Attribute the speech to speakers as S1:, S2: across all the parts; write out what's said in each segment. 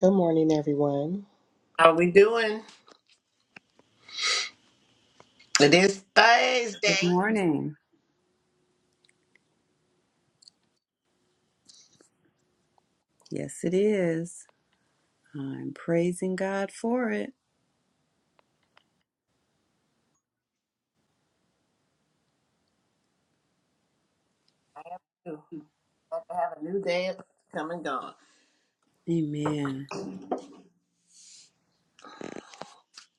S1: Good morning, everyone.
S2: How we doing? It is
S3: Good
S2: Thursday.
S3: morning. Yes, it is. I'm praising God for it.
S2: Ooh, Glad have a new day come and gone.
S3: Amen.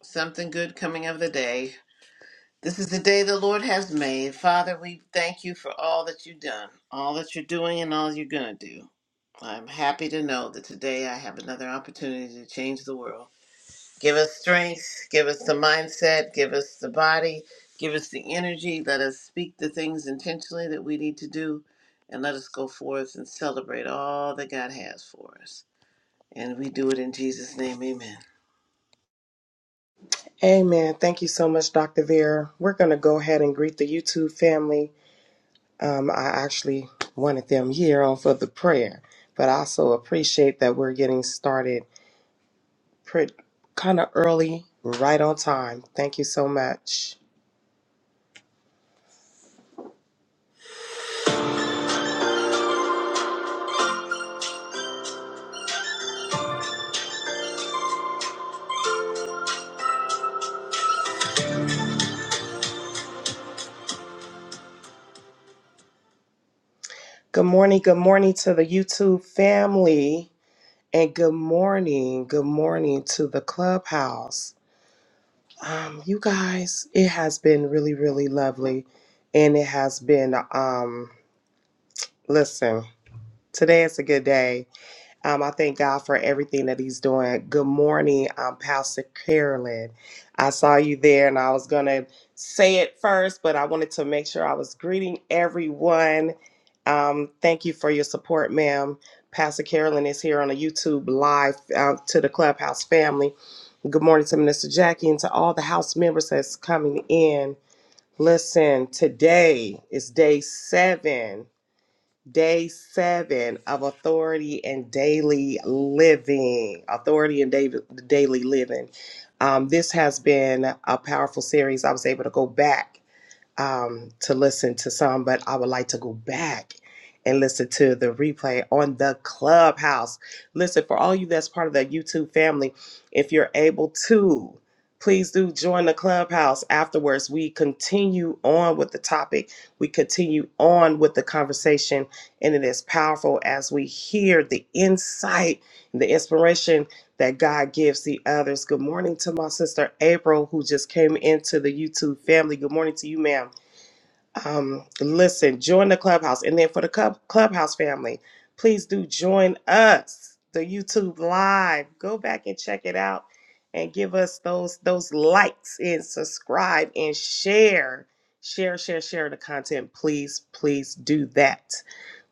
S2: Something good coming of the day. This is the day the Lord has made. Father, we thank you for all that you've done, all that you're doing, and all you're going to do. I'm happy to know that today I have another opportunity to change the world. Give us strength, give us the mindset, give us the body, give us the energy. Let us speak the things intentionally that we need to do, and let us go forth and celebrate all that God has for us. And we do it in Jesus' name, amen.
S1: Amen. Thank you so much, Dr. Vera. We're going to go ahead and greet the YouTube family. Um, I actually wanted them here on for the prayer, but I also appreciate that we're getting started pretty kind of early, right on time. Thank you so much. Good morning. Good morning to the YouTube family, and good morning. Good morning to the clubhouse. Um, you guys, it has been really, really lovely, and it has been. Um, Listen, today is a good day. Um, I thank God for everything that He's doing. Good morning, um, Pastor Carolyn. I saw you there and I was going to say it first, but I wanted to make sure I was greeting everyone. Um, thank you for your support, ma'am. Pastor Carolyn is here on a YouTube live uh, to the Clubhouse family. Good morning to Minister Jackie and to all the House members that's coming in. Listen, today is day seven Day seven of authority and daily living. Authority and da- daily living. Um, this has been a powerful series. I was able to go back um, to listen to some, but I would like to go back and listen to the replay on the clubhouse. Listen, for all you that's part of the YouTube family, if you're able to, please do join the clubhouse afterwards. We continue on with the topic, we continue on with the conversation, and it is powerful as we hear the insight and the inspiration that God gives the others. Good morning to my sister April, who just came into the YouTube family. Good morning to you, ma'am. Um, listen, join the clubhouse. And then for the club, clubhouse family, please do join us, the YouTube live. Go back and check it out and give us those those likes and subscribe and share. Share, share, share the content. Please, please do that.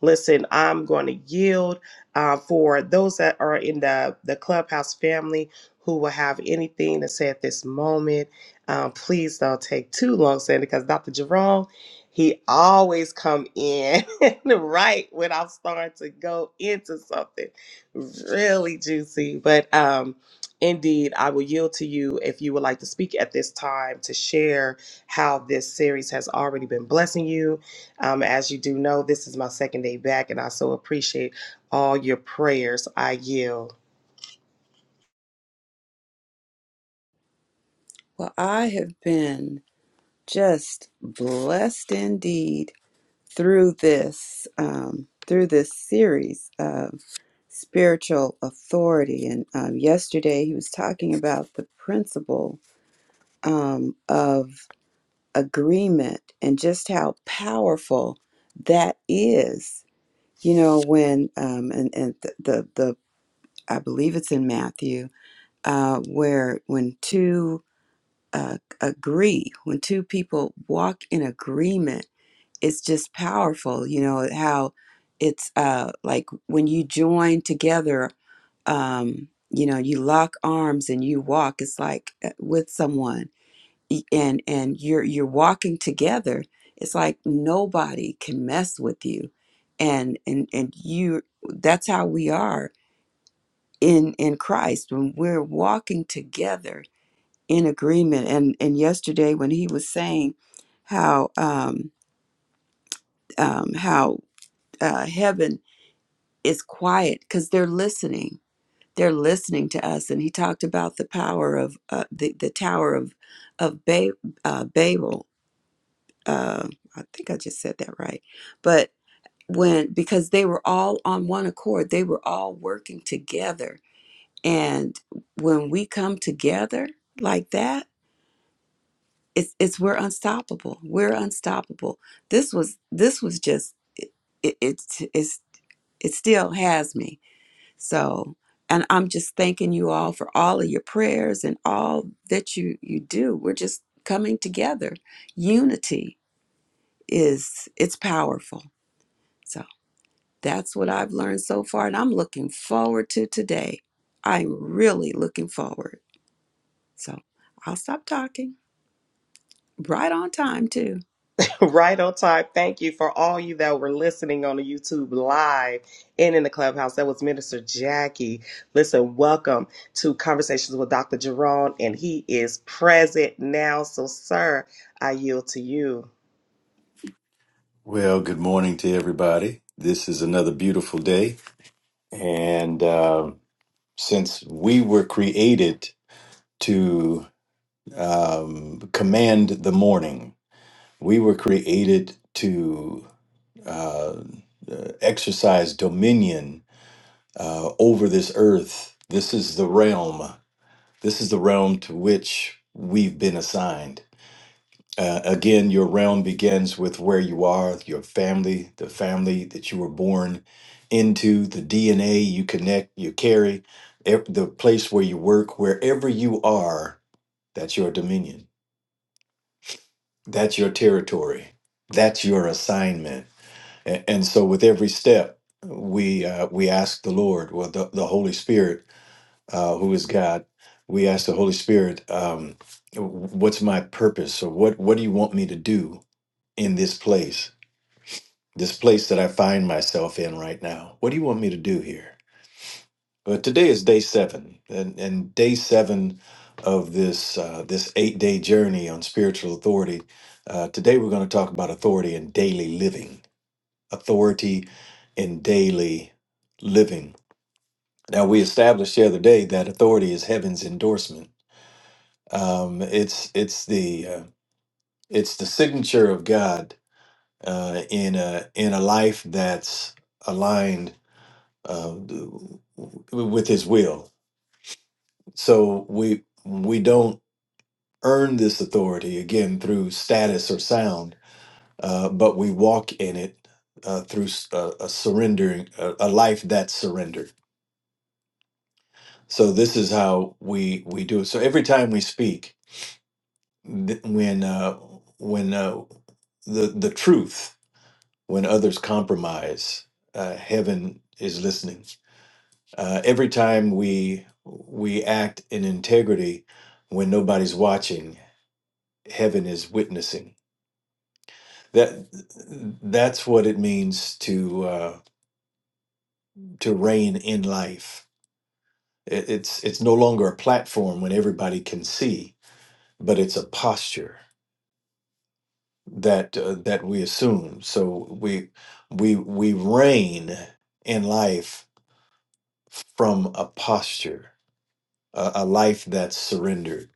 S1: Listen, I'm going to yield uh, for those that are in the, the clubhouse family who will have anything to say at this moment. Um, please don't take too long saying it because Dr. Jerome he always come in right when I'm starting to go into something really juicy. But um, indeed, I will yield to you if you would like to speak at this time to share how this series has already been blessing you. Um, as you do know, this is my second day back, and I so appreciate all your prayers. I yield.
S3: Well, I have been just blessed indeed through this um, through this series of spiritual authority. And um, yesterday he was talking about the principle um, of agreement and just how powerful that is. You know, when um, and and the the, the I believe it's in Matthew, uh, where when two uh, agree, when two people walk in agreement, it's just powerful. You know how it's uh, like when you join together. Um, you know, you lock arms and you walk. It's like uh, with someone, and and you're you're walking together. It's like nobody can mess with you, and and and you. That's how we are in in Christ when we're walking together in agreement and and yesterday when he was saying how um um how uh heaven is quiet cuz they're listening they're listening to us and he talked about the power of uh, the the tower of of ba- uh, Babel uh I think I just said that right but when because they were all on one accord they were all working together And when we come together like that, it's it's we're unstoppable. We're unstoppable. This was this was just it it it's it's- it still has me. So and I'm just thanking you all for all of your prayers and all that you you do. We're just coming together. Unity is it's powerful. So that's what I've learned so far and I'm looking forward to today. I'm really looking forward. So I'll stop talking. Right on time, too.
S1: Right on time. Thank you for all you that were listening on the YouTube live and in the clubhouse. That was Minister Jackie. Listen, welcome to Conversations with Dr. Jerome, and he is present now. So, sir, I yield to you.
S4: Well, good morning to everybody. This is another beautiful day. And um, since we were created to um, command the morning, we were created to uh, uh, exercise dominion uh, over this earth. This is the realm. This is the realm to which we've been assigned. Uh, again, your realm begins with where you are, your family, the family that you were born into, the DNA you connect, you carry, e- the place where you work, wherever you are, that's your dominion. That's your territory. That's your assignment. And, and so, with every step, we uh, we ask the Lord, well, the, the Holy Spirit, uh, who is God, we ask the Holy Spirit, um, what's my purpose, or what what do you want me to do in this place? this place that I find myself in right now. What do you want me to do here? But today is day seven, and, and day seven of this uh, this eight day journey on spiritual authority. Uh, today we're going to talk about authority in daily living, authority in daily living. Now we established the other day that authority is heaven's endorsement. Um, it's it's the uh, it's the signature of God uh, in a in a life that's aligned uh, with his will. So we we don't earn this authority again through status or sound, uh, but we walk in it uh, through s- a, a surrendering a, a life that's surrendered. So this is how we we do it. So every time we speak, th- when uh, when uh, the the truth, when others compromise, uh, heaven is listening uh, every time we we act in integrity when nobody's watching heaven is witnessing that that's what it means to uh, to reign in life It- it's it's no longer a platform when everybody can see but it's a posture that uh, that we assume so we we we reign in life from a posture a, a life that's surrendered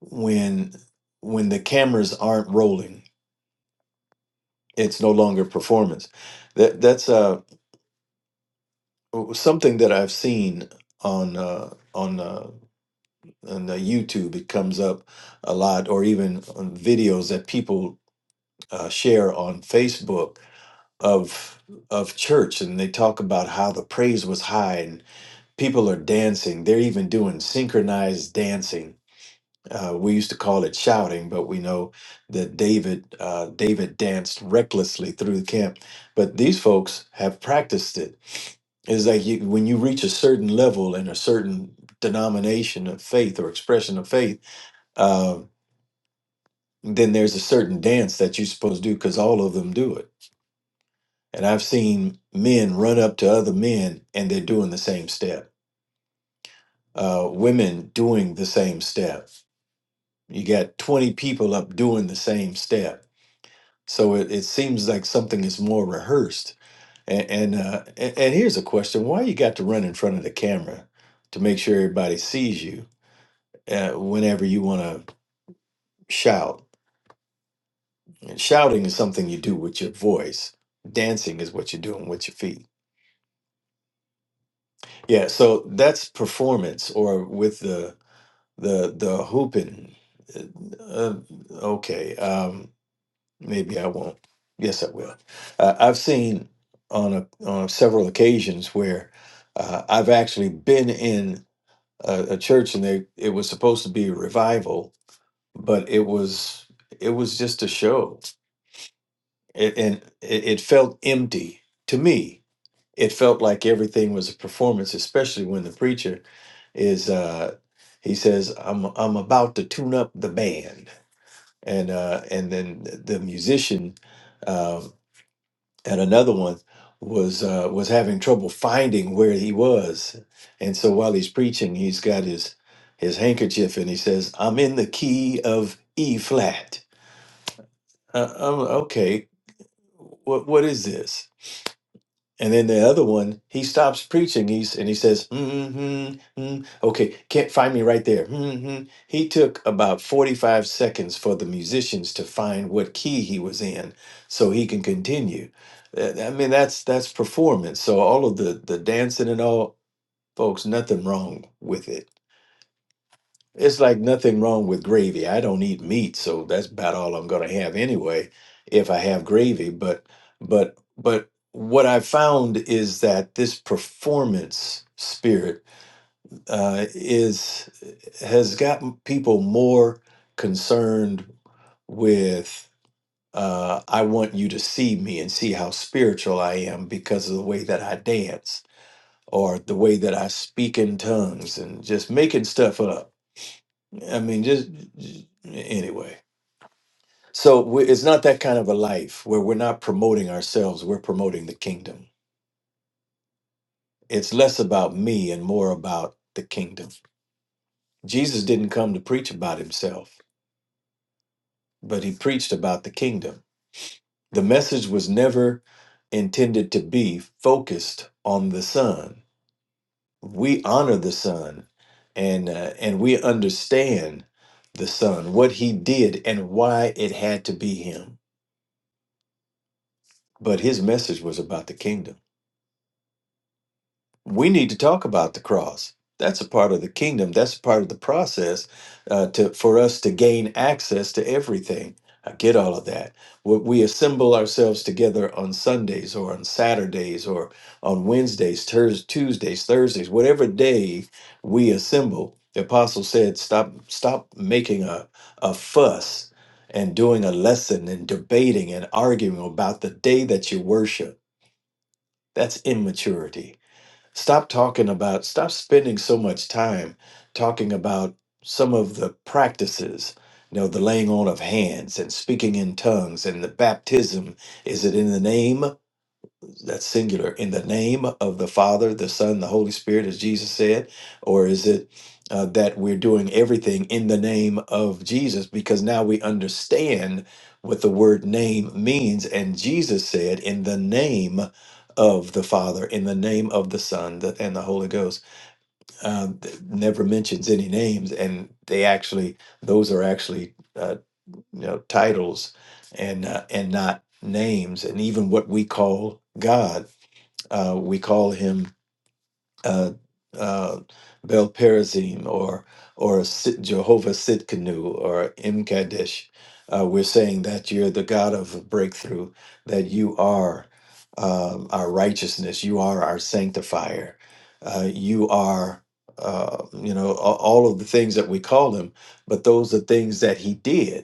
S4: when when the cameras aren't rolling it's no longer performance that that's uh something that i've seen on uh on uh on uh, youtube it comes up a lot or even on videos that people uh, share on facebook of of church and they talk about how the praise was high and people are dancing they're even doing synchronized dancing Uh, we used to call it shouting, but we know that David uh, David danced recklessly through the camp. But these folks have practiced it. It's like you, when you reach a certain level in a certain denomination of faith or expression of faith, uh, then there's a certain dance that you're supposed to do because all of them do it. And I've seen men run up to other men and they're doing the same step. Uh, women doing the same step. You got 20 people up doing the same step So it, it seems like something is more rehearsed. And and, uh, and and here's a question: Why you got to run in front of the camera to make sure everybody sees you uh, whenever you want to shout? And shouting is something you do with your voice. Dancing is what you're doing with your feet. Yeah. So that's performance, or with the the the hooping. Uh, uh, okay. Um, Maybe I won't. Yes, I will. Uh, I've seen on a, on several occasions where uh, I've actually been in a, a church and they it was supposed to be a revival, but it was it was just a show, it, and it, it felt empty to me. It felt like everything was a performance, especially when the preacher is uh, he says, "I'm I'm about to tune up the band," and uh, and then the musician. um, and another one was uh, was having trouble finding where he was, and so while he's preaching, he's got his his handkerchief and he says, "I'm in the key of E flat." Uh, I'm okay. What what is this? And then the other one, he stops preaching. He's and he says, mm-hmm, mm, "Okay, can't find me right there." hmm He took about forty-five seconds for the musicians to find what key he was in, so he can continue. Uh, I mean, that's that's performance. So all of the the dancing and all, folks, nothing wrong with it it's like nothing wrong with gravy. I don't eat meat, so that's about all I'm going to have anyway if I have gravy, but but but what I found is that this performance spirit uh, is has gotten people more concerned with uh, I want you to see me and see how spiritual I am because of the way that I dance or the way that I speak in tongues and just making stuff up I mean, just, just- anyway. So we, it's not that kind of a life where we're not promoting ourselves, we're promoting the kingdom. It's less about me and more about the kingdom. Jesus didn't come to preach about himself, but he preached about the kingdom. The message was never intended to be focused on the son. We honor the son and uh, and we understand the son, what he did and why it had to be him but his message was about the kingdom. We need to talk about the cross. That's a part of the kingdom. That's a part of the process uh, to for us to gain access to everything. I get all of that. We we assemble ourselves together on Sundays or on Saturdays or on Wednesdays, Turs Tuesdays, Thursdays, whatever day we assemble. The apostle said, "Stop, stop making a, a fuss and doing a lesson and debating and arguing about the day that you worship." That's immaturity. Stop talking about, stop spending so much time talking about some of the practices, you know, the laying on of hands and speaking in tongues and the baptism. Is it in the name? that's singular in the name of the father the son the holy spirit as jesus said or is it uh, that we're doing everything in the name of jesus because now we understand what the word name means and jesus said in the name of the father in the name of the son the- and the holy ghost uh, th- never mentions any names and they actually those are actually uh, you know titles and uh, and not names and even what we call god uh, we call him uh, uh, Bel Perazim or or Sit, Jehovah Sitkanu or Imkadesh. Uh, we're saying that you're the God of breakthrough, that you are um, our righteousness, you are our sanctifier, uh, you are. Uh, you know a- all of the things that we call him, but those are things that he did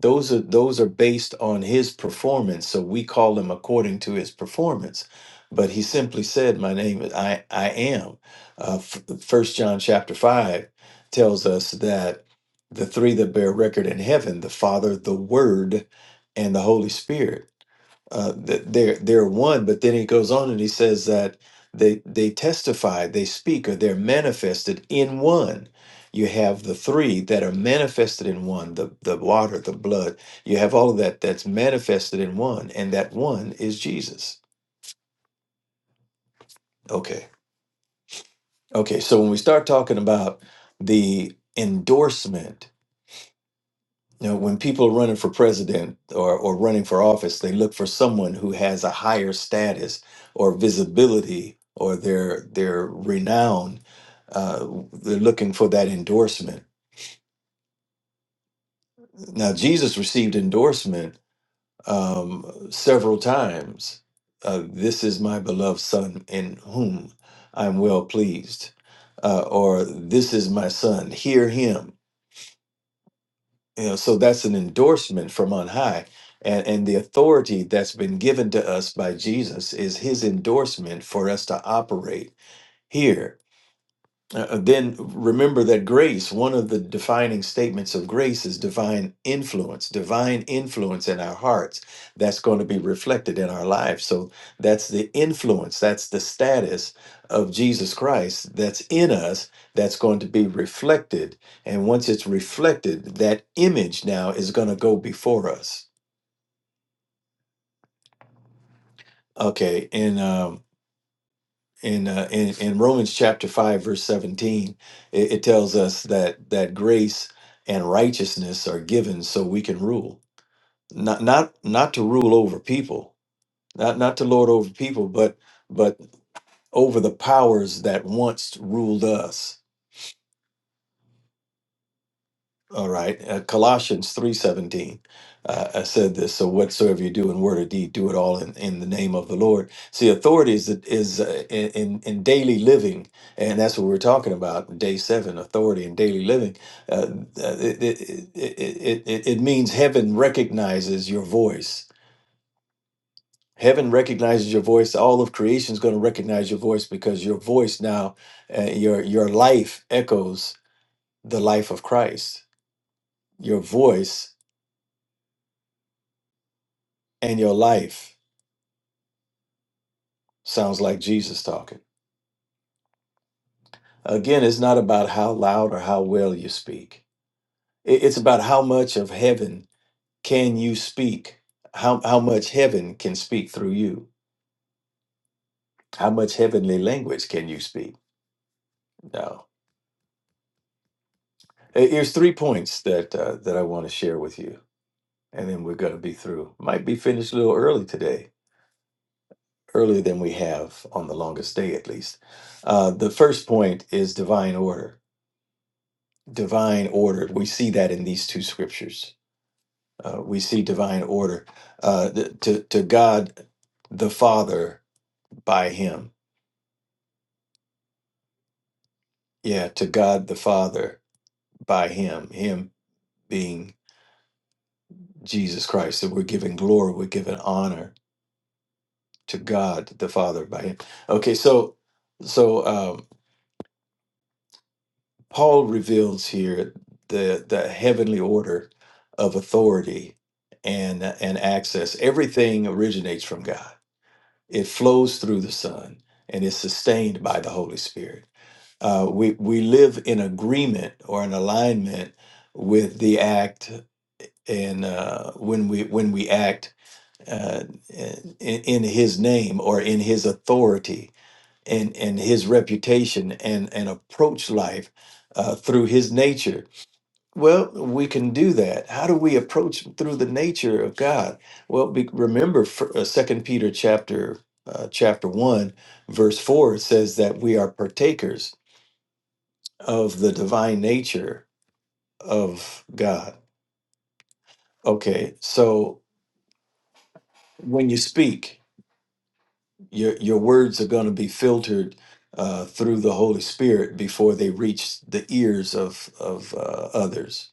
S4: those are those are based on his performance so we call him according to his performance but he simply said my name is i i am uh f- first john chapter 5 tells us that the three that bear record in heaven the father the word and the holy spirit uh, th- they're they're one. But then he goes on and he says that they they testify, they speak, or they're manifested in one. You have the three that are manifested in one: the the water, the blood. You have all of that that's manifested in one, and that one is Jesus. Okay, okay. So when we start talking about the endorsement You know, when people are running for president or, or running for office, they look for someone who has a higher status or visibility or their their renown. Uh, they're looking for that endorsement. Now, Jesus received endorsement um, several times. Uh, this is my beloved son in whom I'm well pleased. Uh, or this is my son, hear him You know, so that's an endorsement from on high. And, and the authority that's been given to us by Jesus is his endorsement for us to operate here uh, then remember that grace, one of the defining statements of grace is divine influence, divine influence in our hearts. That's going to be reflected in our lives. So that's the influence, that's the status of Jesus Christ that's in us, that's going to be reflected. And once it's reflected, that image now is going to go before us. Okay, and um, in uh, in, in Romans chapter five verse seventeen, it, it tells us that that grace and righteousness are given so we can rule, not not not to rule over people, not not to lord over people, but but over the powers that once ruled us All right, uh, Colossians three seventeen. Uh, I said this. So whatsoever you do in word or deed, do it all in, in the name of the Lord. See, authority is is uh, in, in in daily living, and that's what we're talking about. Day seven, authority in daily living. Uh, uh, it, it, it, it, it it means heaven recognizes your voice. Heaven recognizes your voice. All of creation is going to recognize your voice because your voice now, uh, your your life echoes the life of Christ. Your voice and your life sounds like Jesus talking. Again, it's not about how loud or how well you speak. It- It's about how much of heaven can you speak? How, how much heaven can speak through you? How much heavenly language can you speak? No. Here- Here's three points that, uh, that I want to share with you, and then we're going to be through. Might be finished a little early today, earlier than we have on the longest day at least. Uh, the first point is divine order divine order. We see that in these two scriptures. Uh, we see divine order uh, th- to to God the Father by Him. Yeah, to God the Father by Him. Him being Jesus Christ. So we're giving glory. We're giving honor to God the Father by Him. Okay, so so um, Paul reveals here the the heavenly order of authority and and access. Everything originates from God it flows through the Son and is sustained by the Holy Spirit. Uh, we we live in agreement or in alignment with the act, and uh, when we when we act uh, in, in His name or in His authority and and His reputation and and approach life uh, through His nature well, we can do that. How do we approach through the nature of God? Well, be, remember for, uh, Second Peter chapter uh, chapter one, verse four it says that we are partakers of the divine nature of God. Okay, so when you speak, your your words are going to be filtered uh, through the Holy Spirit before they reach the ears of of uh, others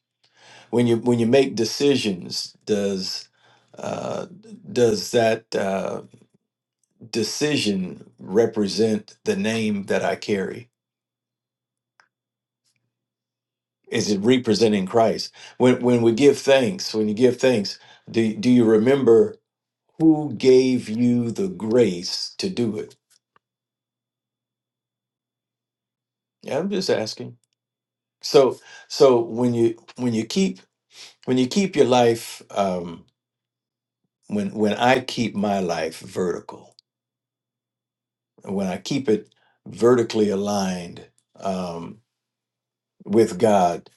S4: when you when you make decisions does uh, does that uh, decision represent the name that I carry? Is it representing Christ? When when we give thanks, when you give thanks, do do you remember who gave you the grace to do it? Yeah, I'm just asking. So so when you when you keep when you keep your life um, when when I keep my life vertical when I keep it vertically aligned um, with God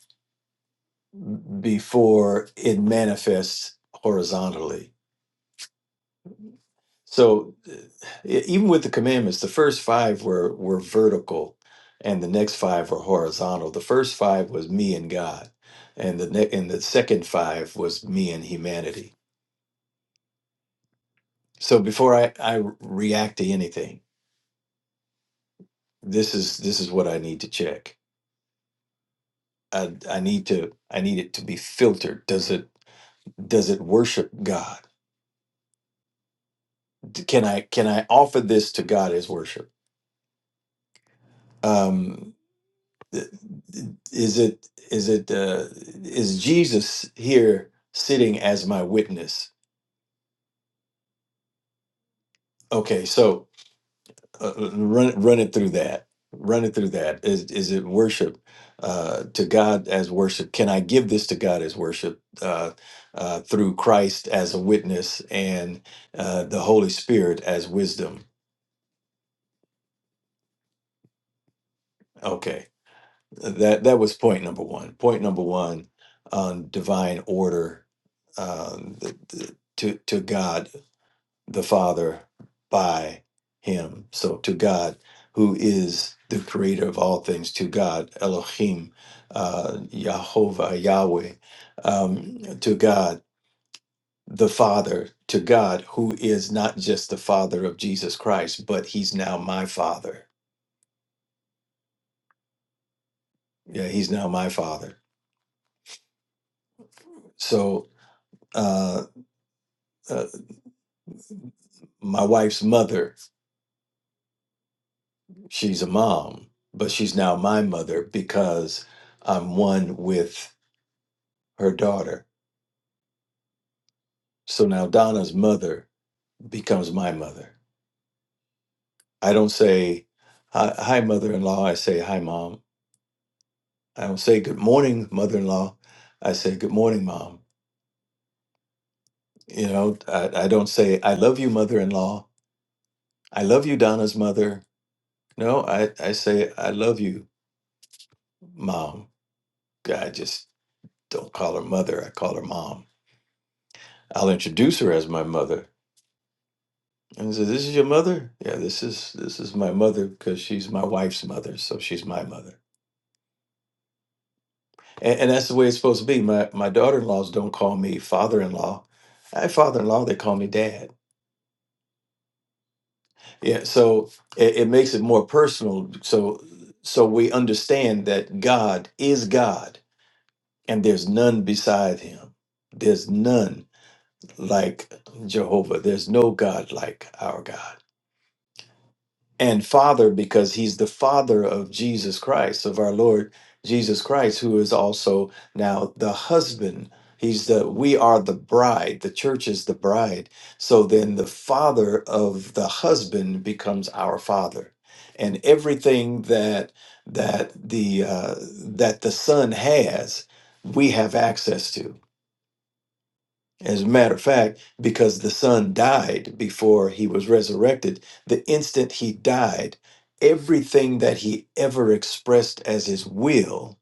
S4: before it manifests horizontally. So uh, e- even with the commandments, the first five were were vertical, and the next five were horizontal. The first five was me and God, and the ne- and the second five was me and humanity. So before I, I react to anything, this is this is what I need to check. I, I need to I need it to be filtered. Does it? does it worship god D- can i can i offer this to god as worship um th- th- is it is it uh is jesus here sitting as my witness okay so uh, uh, run run it through that run it through that is is it worship uh to god as worship can i give this to god as worship uh uh through christ as a witness and uh the holy spirit as wisdom okay That that was point number one. Point number one on divine order um, the, the, to to God the Father by Him. So to God, who is the Creator of all things, to God Elohim, uh, Yahovah, Yahweh, um, to God the Father, to God who is not just the Father of Jesus Christ, but He's now my Father. Yeah, He's now my Father. So. Uh, uh, my wife's mother. She's a mom, but she's now my mother because I'm one with her daughter. So now Donna's mother becomes my mother. I don't say, hi, hi mother in law. I say, hi, mom. I don't say, good morning, mother in law. I say, good morning, mom. You know, I, I don't say, I love you, mother in law. I love you, Donna's mother. No, I, I say, I love you, mom. I just don't call her mother. I call her mom I'll introduce her as my mother. And I said, This is your mother? Yeah, this is this is my mother because she's my wife's mother, so she's my mother. And, and that's the way it's supposed to be. My my daughter in laws don't call me father in law. I father in law, they call me dad. Yeah, so it, it makes it more personal. So so we understand that God is God and there's none beside him. There's none like Jehovah. There's no God like our God. and Father because he's the Father of Jesus Christ, of our Lord Jesus Christ, who is also now the husband. He's the, we are the bride. The church is the bride. So then the father of the husband becomes our father. And everything that, that the, uh, that the son has, we have access to as a matter of fact, because the son died before he was resurrected, the instant he died, everything that he ever expressed as his will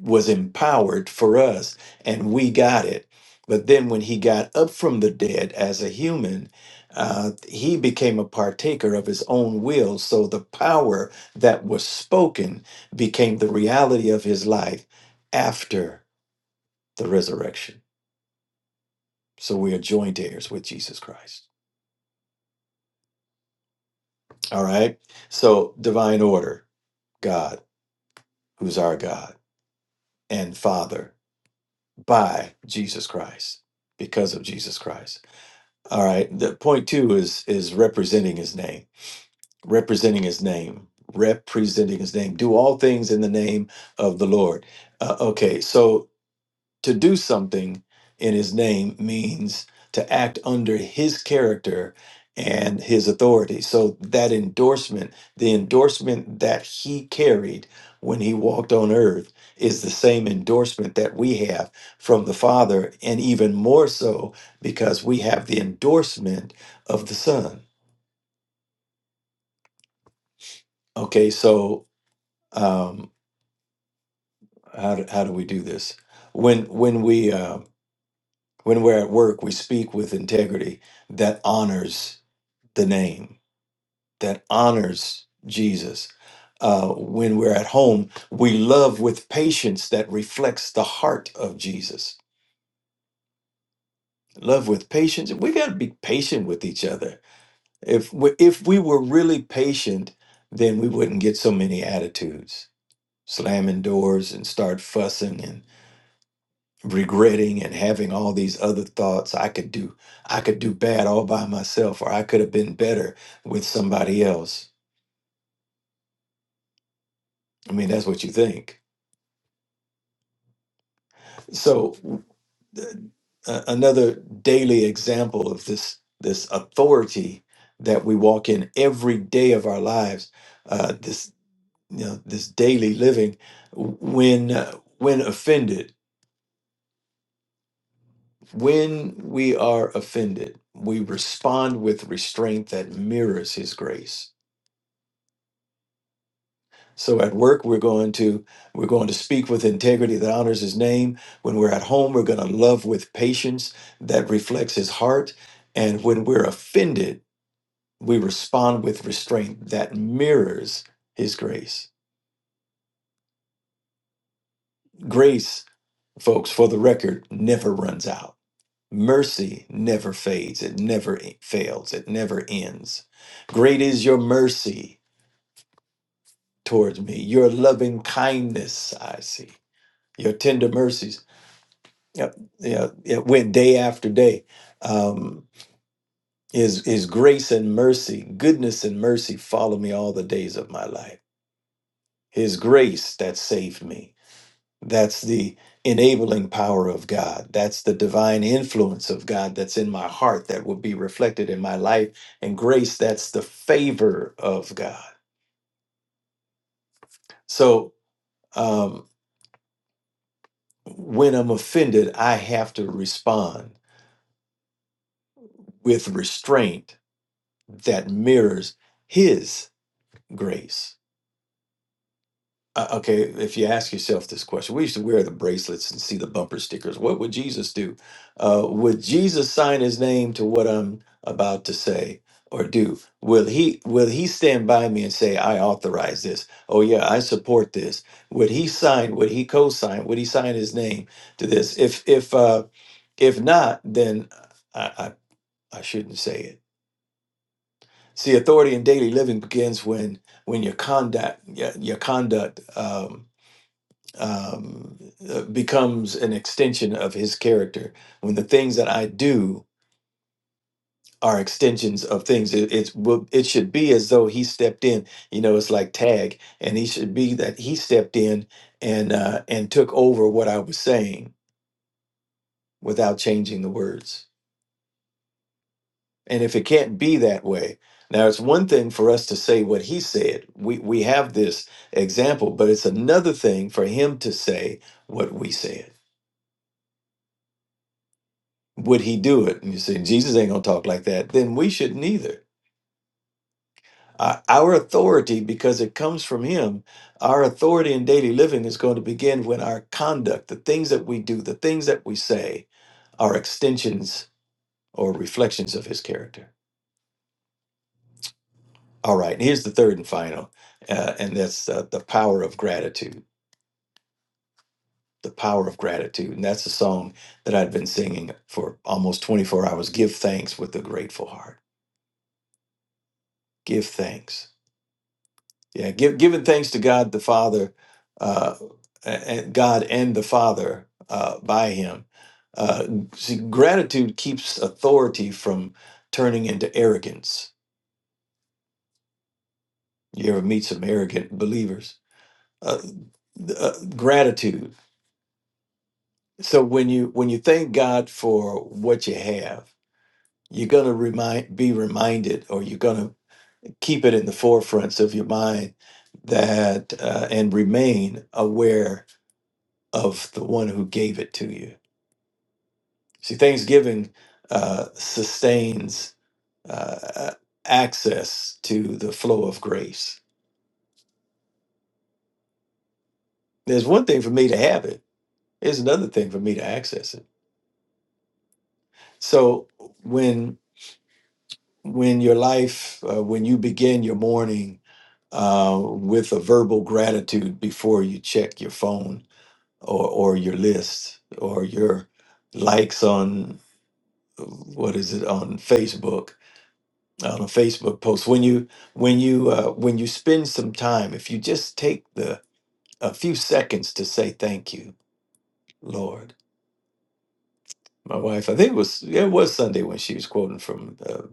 S4: was empowered for us, and we got it. But then when he got up from the dead as a human, uh, he became a partaker of his own will. So the power that was spoken became the reality of his life after the resurrection. So we are joint heirs with Jesus Christ. All right. So divine order, God, who's our God and Father by Jesus Christ, because of Jesus Christ. All right. The point two is is representing his name. Representing his name. Representing his name. Do all things in the name of the Lord. Uh, okay. So to do something in his name means to act under his character and his authority. So that endorsement, the endorsement that he carried when he walked on earth is the same endorsement that we have from the Father and even more so because we have the endorsement of the Son. Okay, so um how do, how do we do this? When when we uh when we're at work, we speak with integrity that honors the name that honors Jesus. Uh, when we're at home, we love with patience that reflects the heart of Jesus. Love with patience. We got to be patient with each other. If we, if we were really patient, then we wouldn't get so many attitudes, slamming doors and start fussing and regretting and having all these other thoughts. I could do, I could do bad all by myself, or I could have been better with somebody else. I mean, that's what you think. So a- another daily example of this this authority that we walk in every day of our lives uh, this you know this daily living when uh, when offended when we are offended we respond with restraint that mirrors his grace so at work we're going to we're going to speak with integrity that honors his name when we're at home we're going to love with patience that reflects his heart and when we're offended we respond with restraint that mirrors his grace. Grace, folks, for the record, never runs out. Mercy never fades, it never fails, it never ends. Great is your mercy towards me, your loving kindness, I see, your tender mercies. Yep, yeah, it went day after day. Um, his, his grace and mercy, goodness and mercy follow me all the days of my life. His grace that saved me. That's the enabling power of God. That's the divine influence of God that's in my heart that will be reflected in my life. And grace, that's the favor of God. So um, when I'm offended, I have to respond with restraint that mirrors His grace. Uh, okay, if you ask yourself this question, we used to wear the bracelets and see the bumper stickers. What would Jesus do? Uh, would Jesus sign his name to what I'm about to say or do? Will he will he stand by me and say, I authorize this? Oh yeah, I support this. Would he sign, would he co-sign, would he sign his name to this? If if uh if not, then I I, I shouldn't say it. See, authority in daily living begins when when your conduct your, your conduct Um, um, uh, becomes an extension of his character. When the things that I do are extensions of things, it, it's will- it should be as though he stepped in. You know, it's like tag, and he should be that he stepped in and uh, and took over what I was saying without changing the words. And if it can't be that way, now it's one thing for us to say what he said. We we have this example, but it's another thing for him to say what we said. would he do it? And you say, Jesus ain't going to talk like that. Then we shouldn't either. Uh, our authority, because it comes from him, our authority in daily living is going to begin when our conduct, the things that we do, the things that we say, are extensions or reflections of his character. All right, and here's the third and final, uh, and that's uh, the power of gratitude. The power of gratitude. And that's a song that I'd been singing for almost 24 hours. Give thanks with a grateful heart. Give thanks Yeah, give, giving thanks to God the Father, uh, and God and the Father uh, by Him. Uh, see, gratitude keeps authority from turning into arrogance. You ever meet some arrogant believers? Uh, th- uh, gratitude. So when you when you thank God for what you have, you're gonna remind be reminded, or you're gonna keep it in the forefronts of your mind that uh, and remain aware of the one who gave it to you. See, Thanksgiving uh, sustains uh, access to the flow of grace. There's one thing for me to have it. There's another thing for me to access it. So when when your life, uh, when you begin your morning uh, with a verbal gratitude before you check your phone or or your list or your likes on what is it on Facebook on a Facebook post. When you when you uh, when you spend some time, if you just take the a few seconds to say thank you, Lord. My wife, I think it was yeah, it was Sunday when she was quoting from uh,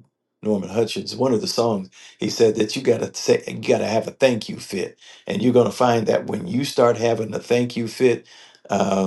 S4: Norman Hutchins, one of the songs. He said that you gotta say you gotta have a thank you fit, and you're gonna find that when you start having a thank you fit. uh,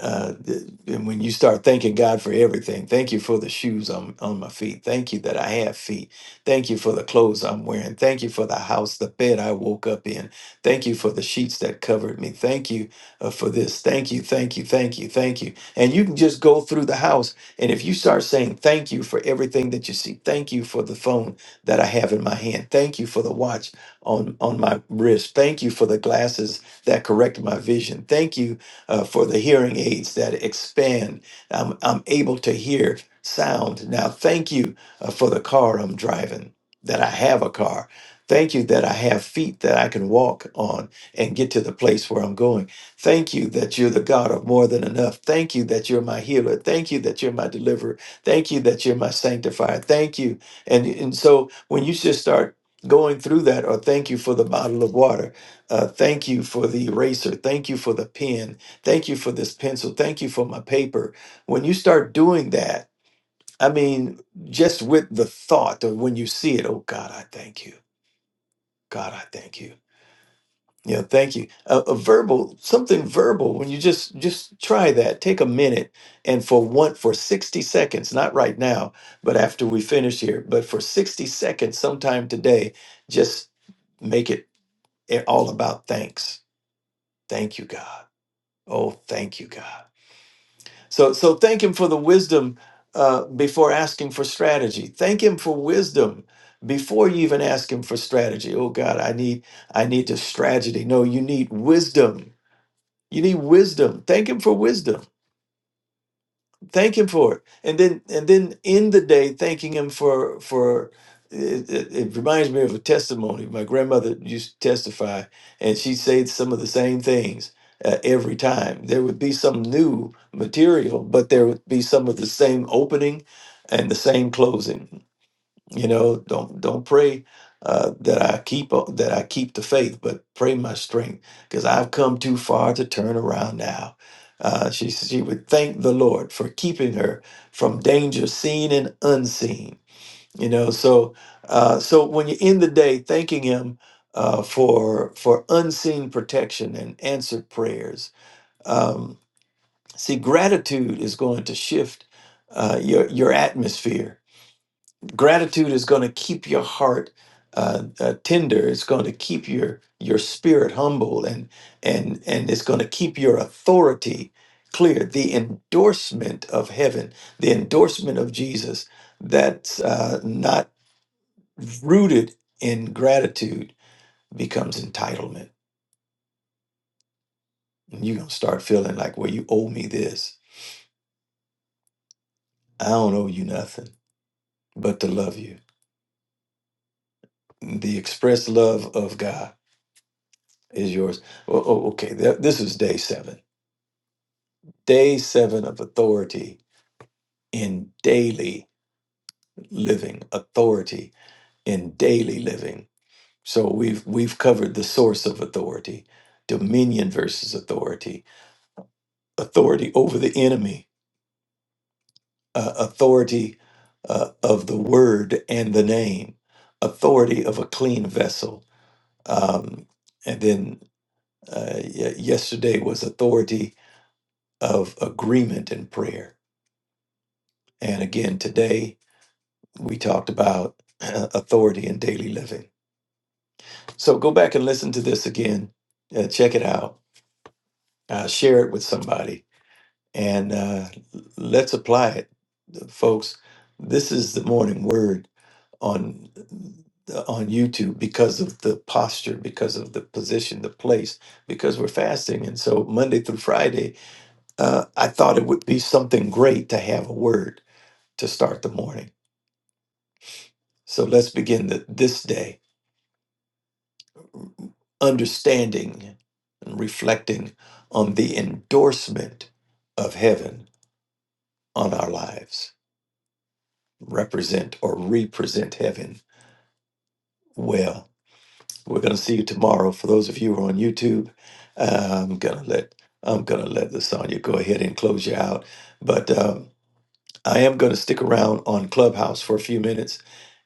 S4: uh, th- and when you start thanking God for everything, thank you for the shoes on, on my feet. Thank you that I have feet. Thank you for the clothes I'm wearing. Thank you for the house, the bed I woke up in. Thank you for the sheets that covered me. Thank you uh, for this. Thank you, thank you, thank you, thank you. And you can just go through the house. And if you start saying thank you for everything that you see, thank you for the phone that I have in my hand. Thank you for the watch on, on my wrist. Thank you for the glasses that correct my vision. Thank you uh, for the hearing aids that expand. I'm, I'm able to hear sound. Now, thank you uh, for the car I'm driving, that I have a car. Thank you that I have feet that I can walk on and get to the place where I'm going. Thank you that you're the God of more than enough. Thank you that you're my healer. Thank you that you're my deliverer. Thank you that you're my sanctifier. Thank you. And, and so when you just start going through that, or thank you for the bottle of water, uh, thank you for the eraser. Thank you for the pen Thank you for this pencil. Thank you for my paper. When you start doing that, I mean, just with the thought of when you see it, oh God, I thank you. God, I thank you. You know, thank you. A, a verbal, something verbal. When you just just try that, take a minute and for one for sixty seconds, not right now, but after we finish here, but for sixty seconds, sometime today, just make it eh, all about thanks. Thank you, God. Oh, thank you, God. So, so thank Him for the wisdom uh, before asking for strategy. Thank Him for wisdom before you even ask Him for strategy. Oh God, I need, I need the strategy. No, you need wisdom. You need wisdom. Thank Him for wisdom thank him for it and then and then end the day thanking him for for it, it, it reminds me of a testimony my grandmother used to testify and she said some of the same things uh, every time there would be some new material but there would be some of the same opening and the same closing you know don't don't pray uh, that i keep uh, that i keep the faith but pray my strength because i've come too far to turn around now uh, she she would thank the lord for keeping her from danger seen and unseen you know so uh, so when you end the day thanking him uh, for for unseen protection and answered prayers um, see gratitude is going to shift uh, your your atmosphere gratitude is going to keep your heart uh, uh, tender it's going to keep your your spirit humble and and and it's going to keep your authority clear the endorsement of heaven the endorsement of jesus that's uh, not rooted in gratitude becomes entitlement and you're going to start feeling like well you owe me this i don't owe you nothing but to love you the express love of god is yours Oh, oh, okay. Th- This is day seven. Day seven of authority in daily living. Authority in daily living. So we've we've covered the source of authority, dominion versus authority, authority over the enemy, uh, authority uh, of the word and the name, authority of a clean vessel, um, and then uh, y- yesterday was authority of agreement and prayer, and again today we talked about uh, authority in daily living. So go back and listen to this again. Uh, check it out. Uh, share it with somebody. And uh, let's apply it, folks. This is the morning word on on YouTube because of the posture, because of the position, the place, because we're fasting. And so Monday through Friday, uh, I thought it would be something great to have a word to start the morning. So let's begin the, this day understanding and reflecting on the endorsement of heaven on our lives. Represent or represent heaven well. We're going to see you tomorrow. For those of you who are on YouTube, uh, I'm going to let I'm going to let Lasagna go ahead and close you out. But um, I am going to stick around on Clubhouse for a few minutes,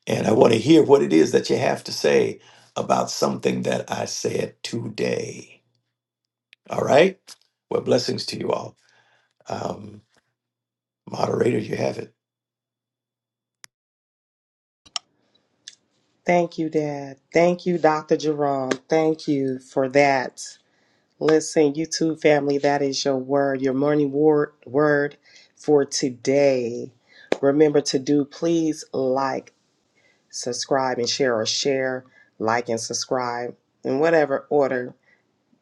S4: and I want to hear what it is that you have to say about something that I said today. All right. Well, blessings to you all. Um, moderator, you have it.
S1: Thank you, Dad. Thank you, Dr. Jerome. Thank you for that. Listen, YouTube family, that is your word, your morning word, word for today. Remember to do please like subscribe and share or share, like and subscribe in whatever order.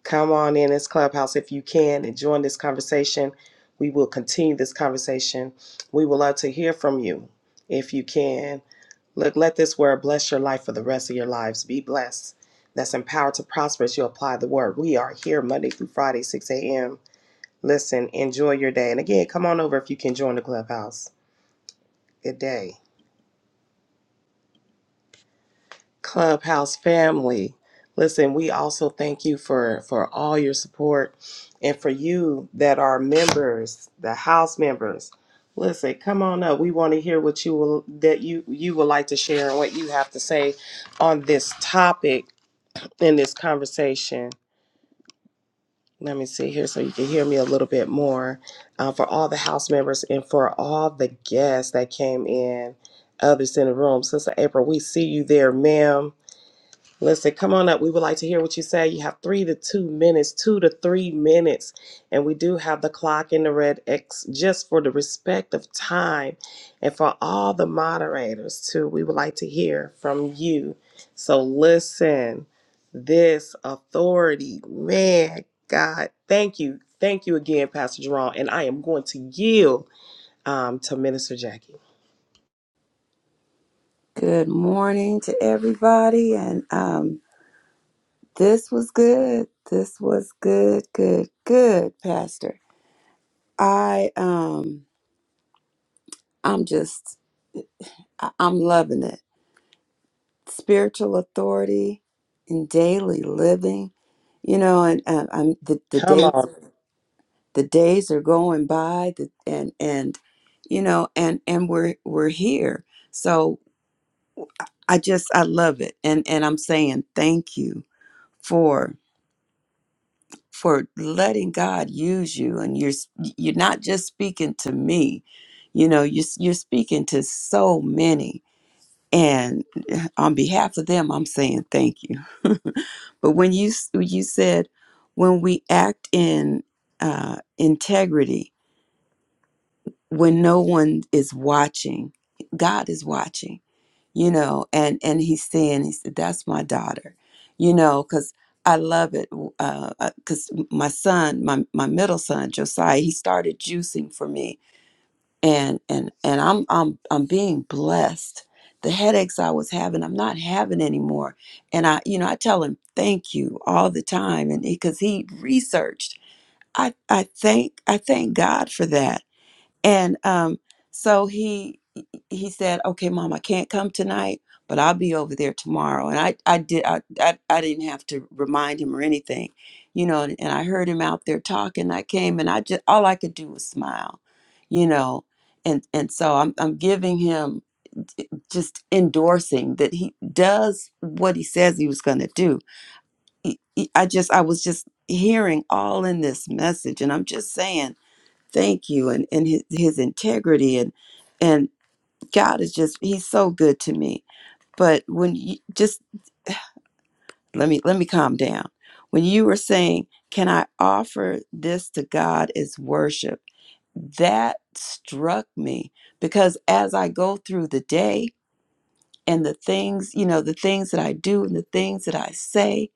S1: Come on in this clubhouse if you can and join this conversation. We will continue this conversation. We would love to hear from you if you can. Look, let this word bless your life for the rest of your lives. Be blessed. That's empowered to prosper as you apply the word. We are here Monday through Friday, 6 a.m. Listen, enjoy your day. And again, come on over if you can join the clubhouse. Good day. Clubhouse family. Listen, we also thank you for for all your support and for you that are members, the house members. Listen, come on up. We want to hear what you will that you you would like to share and what you have to say on this topic in this conversation. Let me see here so you can hear me a little bit more. Uh, for all the house members and for all the guests that came in, others in the room. Sister April, we see you there, ma'am. Listen, come on up. We would like to hear what you say. You have three to two minutes, two to three minutes. And we do have the clock in the red X just for the respect of time and for all the moderators, too. We would like to hear from you. So listen, this authority, man, God, thank you. Thank you again, Pastor Jerome. And I am going to yield um, to Minister Jackie.
S3: Good morning to everybody. And um, this was good. This was good, good, good, Pastor. I um I'm just I- I'm loving it. Spiritual authority and daily living. You know, and uh, I'm the, the
S1: Come
S3: days
S1: on.
S3: the days are going by the, and and you know and and we're we're here. So I just I love it. And and I'm saying thank you for for letting God use you and you're you're not just speaking to me. You know, you are you're speaking to so many and eh, on behalf of them I'm saying thank you. But when you you said when we act in uh integrity when no one is watching, God is watching you know and and he's saying he said that's my daughter you know because i love it because my son my, my middle son josiah he started juicing for me and and and i'm i'm i'm being blessed the headaches i was having i'm not having anymore and i you know i tell him thank you all the time and because he 'cause he researched i i thank i thank god for that and um, so he he said, "Okay, mom, I can't come tonight, but I'll be over there tomorrow." And I I did I I, I didn't have to remind him or anything, you know. And, and I heard him out there talking. I came and I just all I could do was smile, you know. And and so I'm I'm giving him eh, just endorsing that he does what he says he was going to do. He- he- I just I was just hearing all in this message, and I'm just saying thank you and, and his, his integrity and and god is just he's so good to me but when you just let me let me calm down when you were saying can i offer this to god as worship that struck me because as i go through the day and the things you know the things that i do and the things that i say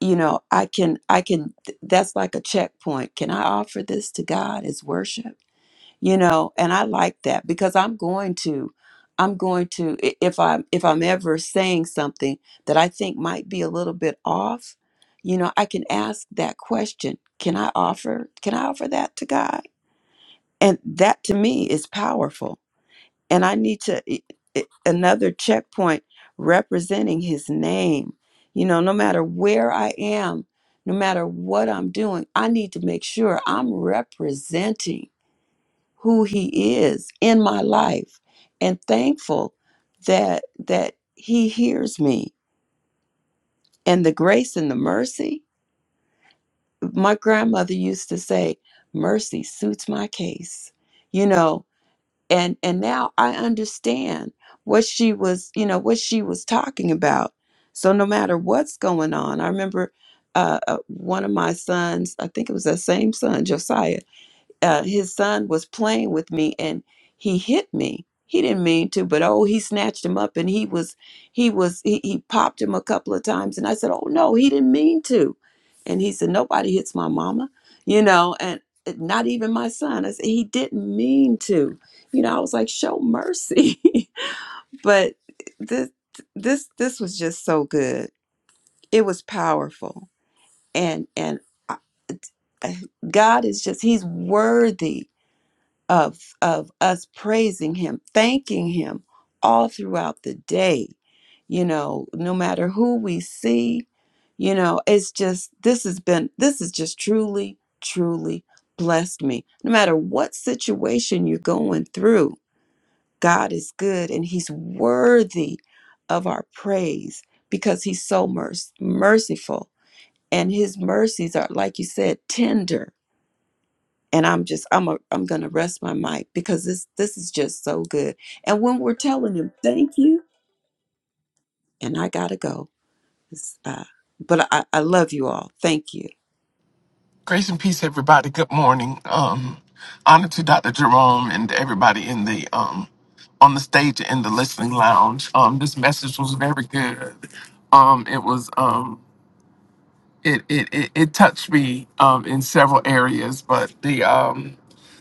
S3: you know i can i can that's like a checkpoint can i offer this to god as worship you know and i like that because i'm going to i'm going to i- if i'm if i'm ever saying something that i think might be a little bit off you know i can ask that question can i offer can i offer that to god and that to me is powerful and i need to i- i- another checkpoint representing his name you know no matter where i am no matter what i'm doing i need to make sure i'm representing who he is in my life and thankful that that he hears me and the grace and the mercy my grandmother used to say mercy suits my case you know and and now i understand what she was you know what she was talking about so no matter what's going on i remember uh, uh, one of my sons i think it was that same son josiah uh, his son was playing with me and he hit me. He didn't mean to, but oh, he snatched him up and he was, he was, he, he popped him a couple of times. And I said, oh no, he didn't mean to. And he said, nobody hits my mama, you know, and eh, not even my son. I said, he didn't mean to. You know, I was like, show mercy. but this, this, this was just so good. It was powerful. And, and I- eh, God is just, he's worthy of of us praising him thanking him all throughout the day you know no matter who we see you know it's just this has been this has just truly truly blessed me no matter what situation you're going through god is good and he's worthy of our praise because he's so merc- merciful and his mercies are like you said tender and I'm just I'm a, I'm gonna rest my mic because this this is just so good. And when we're telling him thank you, and I gotta go, It's, uh, but I, I love you all. Thank you.
S5: Grace and peace, everybody. Good morning. Um, honor to Dr. Jerome and everybody in the um on the stage and in the listening lounge. Um, this message was very good. Um, it was um it it it, it touched me um in several areas, but the um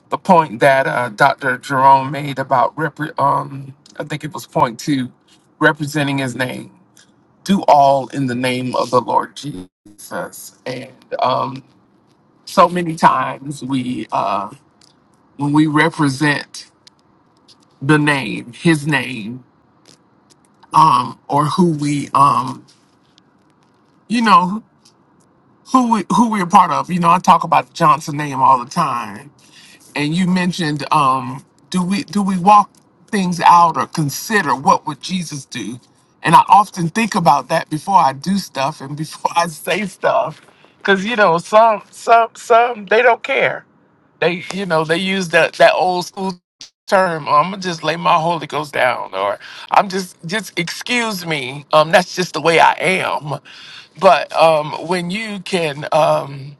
S5: the point that uh, Dr. Jerome made about repre- um I think it was point two, representing his name. Do all in the name of the Lord Jesus, and um so many times we uh when we represent the name his name um or who we um you know who we who we're part of you know i talk about the johnson name all the time and you mentioned um do we do we walk things out or consider what would jesus do and i often think about that before i do stuff and before i say stuff because you know some some some they don't care They, you know, they use that that old school term. I'm gonna just lay my Holy Ghost down, or I'm just just excuse me. Um, that's just the way I am. But um, when you can um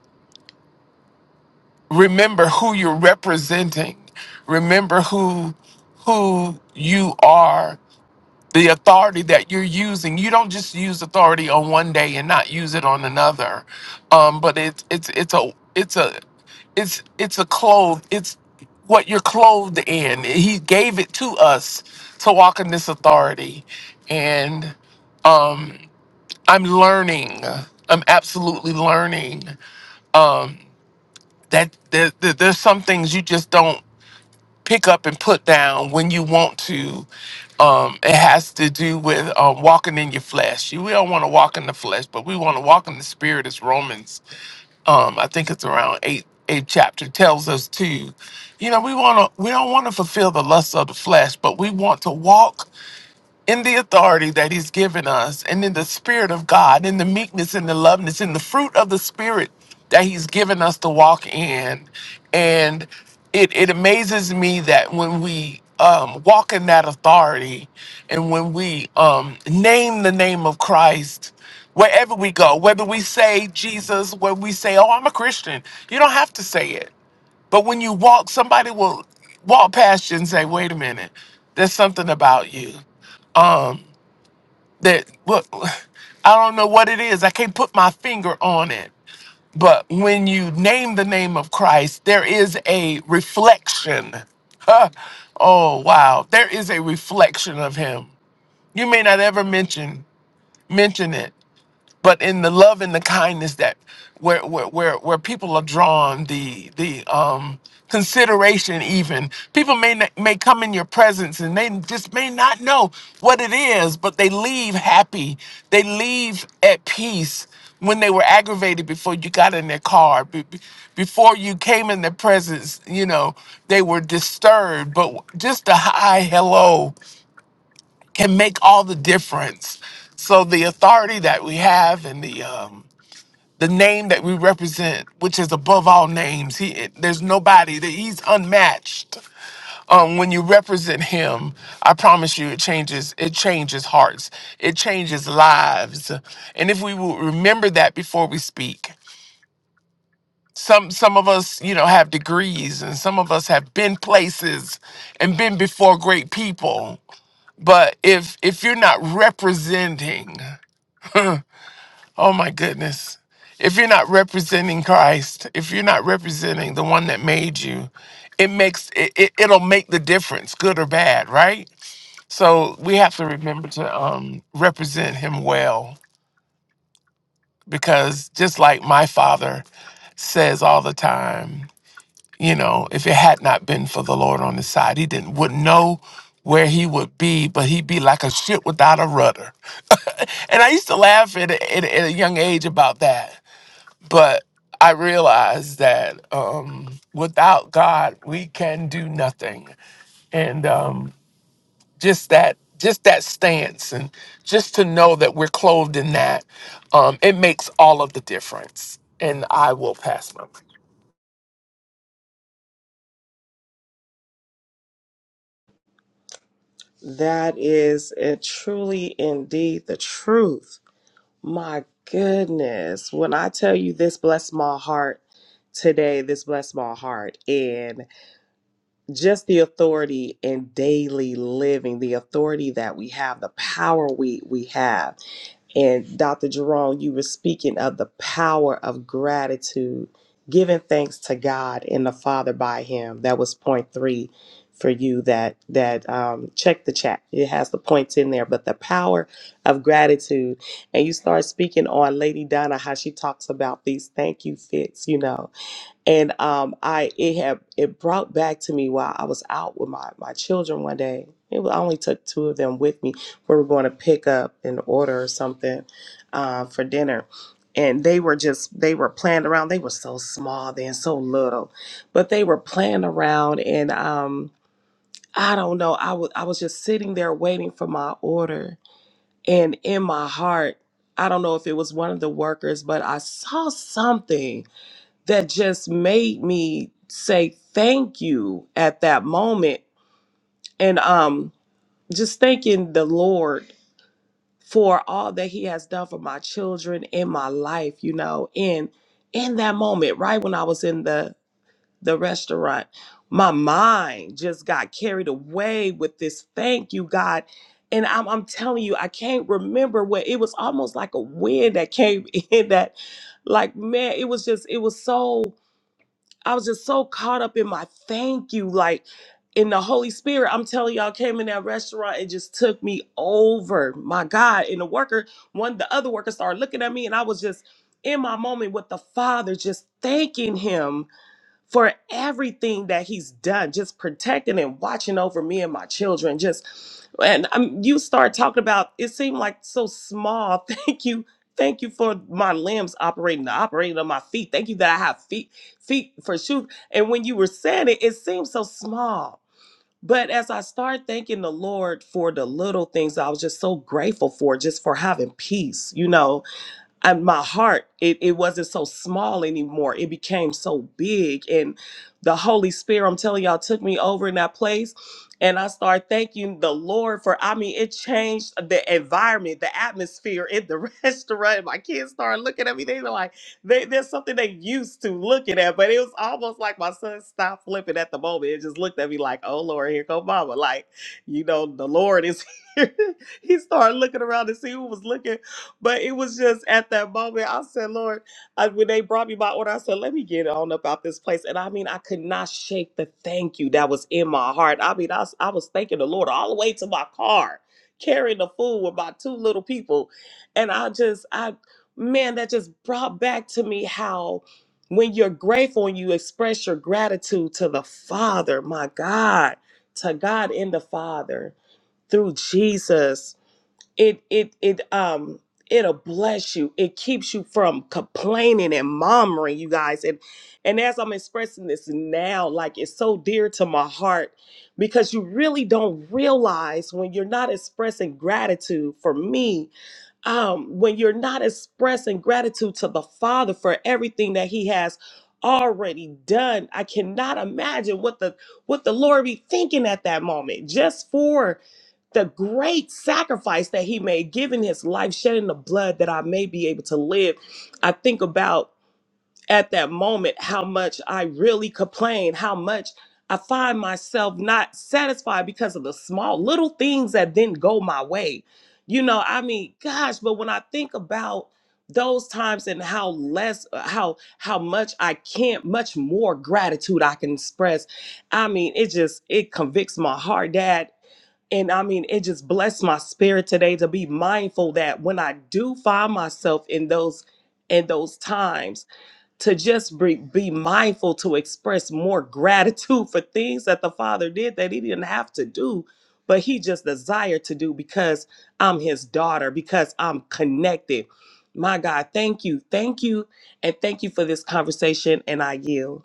S5: remember who you're representing, remember who who you are the authority that you're using. You don't just use authority on one day and not use it on another. Um, but it's it's it's a it's a it's it's a clothe. It's what you're clothed in. He gave it to us to walk in this authority, and um, I'm learning. I'm absolutely learning um, that there, there- there's some things you just don't pick up and put down when you want to. Um, it has to do with um, walking in your flesh. You- We don't want to walk in the flesh, but we want to walk in the spirit. As Romans, um, I think it's around eight eight chapter tells us to. You know, we want to. We don't want to fulfill the lusts of the flesh, but we want to walk in the authority that he's given us and in the spirit of God, in the meekness and the loveness, in the fruit of the spirit that he's given us to walk in. And it, it amazes me that when we um, walk in that authority and when we um, name the name of Christ, wherever we go, whether we say Jesus, whether we say, oh, I'm a Christian, you don't have to say it. But when you walk, somebody will walk past you and say, wait a minute, there's something about you. Um, that look i don't know what it is i can't put my finger on it but when you name the name of christ there is a reflection Huh. oh wow there is a reflection of him you may not ever mention mention it but in the love and the kindness that where where where, where people are drawn the the um consideration even people may not, may come in your presence and they just may not know what it is but they leave happy they leave at peace when they were aggravated before you got in their car be- be- before you came in their presence you know they were disturbed but just a hi hello can make all the difference. So the authority that we have and the um, the name that we represent, which is above all names, he there's nobody that he's unmatched. Um, when you represent him, I promise you, it changes. It changes hearts. It changes lives. And if we will remember that before we speak, some some of us you know have degrees and some of us have been places and been before great people but if if you're not representing Oh my goodness. If you're not representing Christ, if you're not representing the one that made you, it makes it, it it'll make the difference, good or bad, right? So we have to remember to um represent him well because just like my father says all the time, you know, if it had not been for the Lord on his side, he didn't wouldn't know where he would be, but he'd be like a ship without a rudder. and I used to laugh at, a- at, a- at a young age about that but I realized that um, without God, we can do nothing. And um, just that, just that stance, and just to know that we're clothed in that, um, it makes all of the difference. And I will pass my. mic.
S1: That is uh, truly indeed the truth. My goodness. When I tell you this blessed my heart today, this blessed my heart. And just the authority in daily living, the authority that we have, the power we we have. And Dr. Jerome, you were speaking of the power of gratitude, giving thanks to God and the Father by Him. That was point three for you. That that um, check the chat. It has the points in there, but the power of gratitude. And you start speaking on Lady Donna, how she talks about these thank you fits. You know, and um, I it had it brought back to me while I was out with my my children one day. It was, I only took two of them with me. We were going to pick up an order or something uh, for dinner, and they were just they were playing around. They were so small then, so little, but they were playing around, and um, I don't know. I was I was just sitting there waiting for my order, and in my heart. I don't know if it was one of the workers, but I saw something that just made me say thank you at that moment and um just thanking the lord for all that he has done for my children in my life you know and in that moment right when i was in the the restaurant my mind just got carried away with this thank you god and I'm, I'm telling you i can't remember what it was almost like a wind that came in that like man it was just it was so I was just so caught up in my thank you, like in the Holy Spirit. I'm telling y'all, came in that restaurant and just took me over. My God. And the worker, one the other worker started looking at me, and I was just in my moment with the Father, just thanking him for everything that he's done, just protecting and watching over me and my children. Just and um, you start talking about it seemed like so small. Thank you, thank you for my limbs operating, operating on my feet. Thank you that I have feet, feet for shoes. And when you were saying it, it seemed so small. But as I started thanking the Lord for the little things, I was just so grateful for, just for having peace, you know, and my heart it, it wasn't so small anymore it became so big and the holy spirit i'm telling y'all took me over in that place and i started thanking the lord for i mean it changed the environment the atmosphere in the restaurant my kids started looking at me they were like they, there's something they used to looking at but it was almost like my son stopped flipping at the moment and just looked at me like oh lord here come mama like you know the lord is here he started looking around to see who was looking but it was just at that moment, I said, Lord, I, when they brought me my order, I said, let me get on about this place. And I mean, I could not shake the thank you that was in my heart. I mean, I, was- I was thanking the Lord all the way to my car, carrying the food with my two little people. And I just, I, man, that just brought back to me how when you're grateful and you express your gratitude to the Father, my God, to God in the Father through Jesus it it it um it'll bless you it keeps you from complaining and murmuring you guys and and as i'm expressing this now like it's so dear to my heart because you really don't realize when you're not expressing gratitude for me um when you're not expressing gratitude to the father for everything that he has already done i cannot imagine what the what the lord be thinking at that moment just for the great sacrifice that he made, giving his life, shedding the blood that I may be able to live. I think about at that moment how much I really complain, how much I find myself not satisfied because of the small little things that didn't go my way. You know, I mean, gosh, but when I think about those times and how less uh, how how much I can't much more gratitude I can express. I mean, it just it convicts my heart, dad and I mean, it just blessed my spirit today to be mindful that when I do find myself in those in those times, to just be, be mindful to express more gratitude for things that the Father did that He didn't have to do, but He just desired to do because I'm His daughter, because I'm connected. My God, thank you, thank you, and thank you for this conversation. And I yield.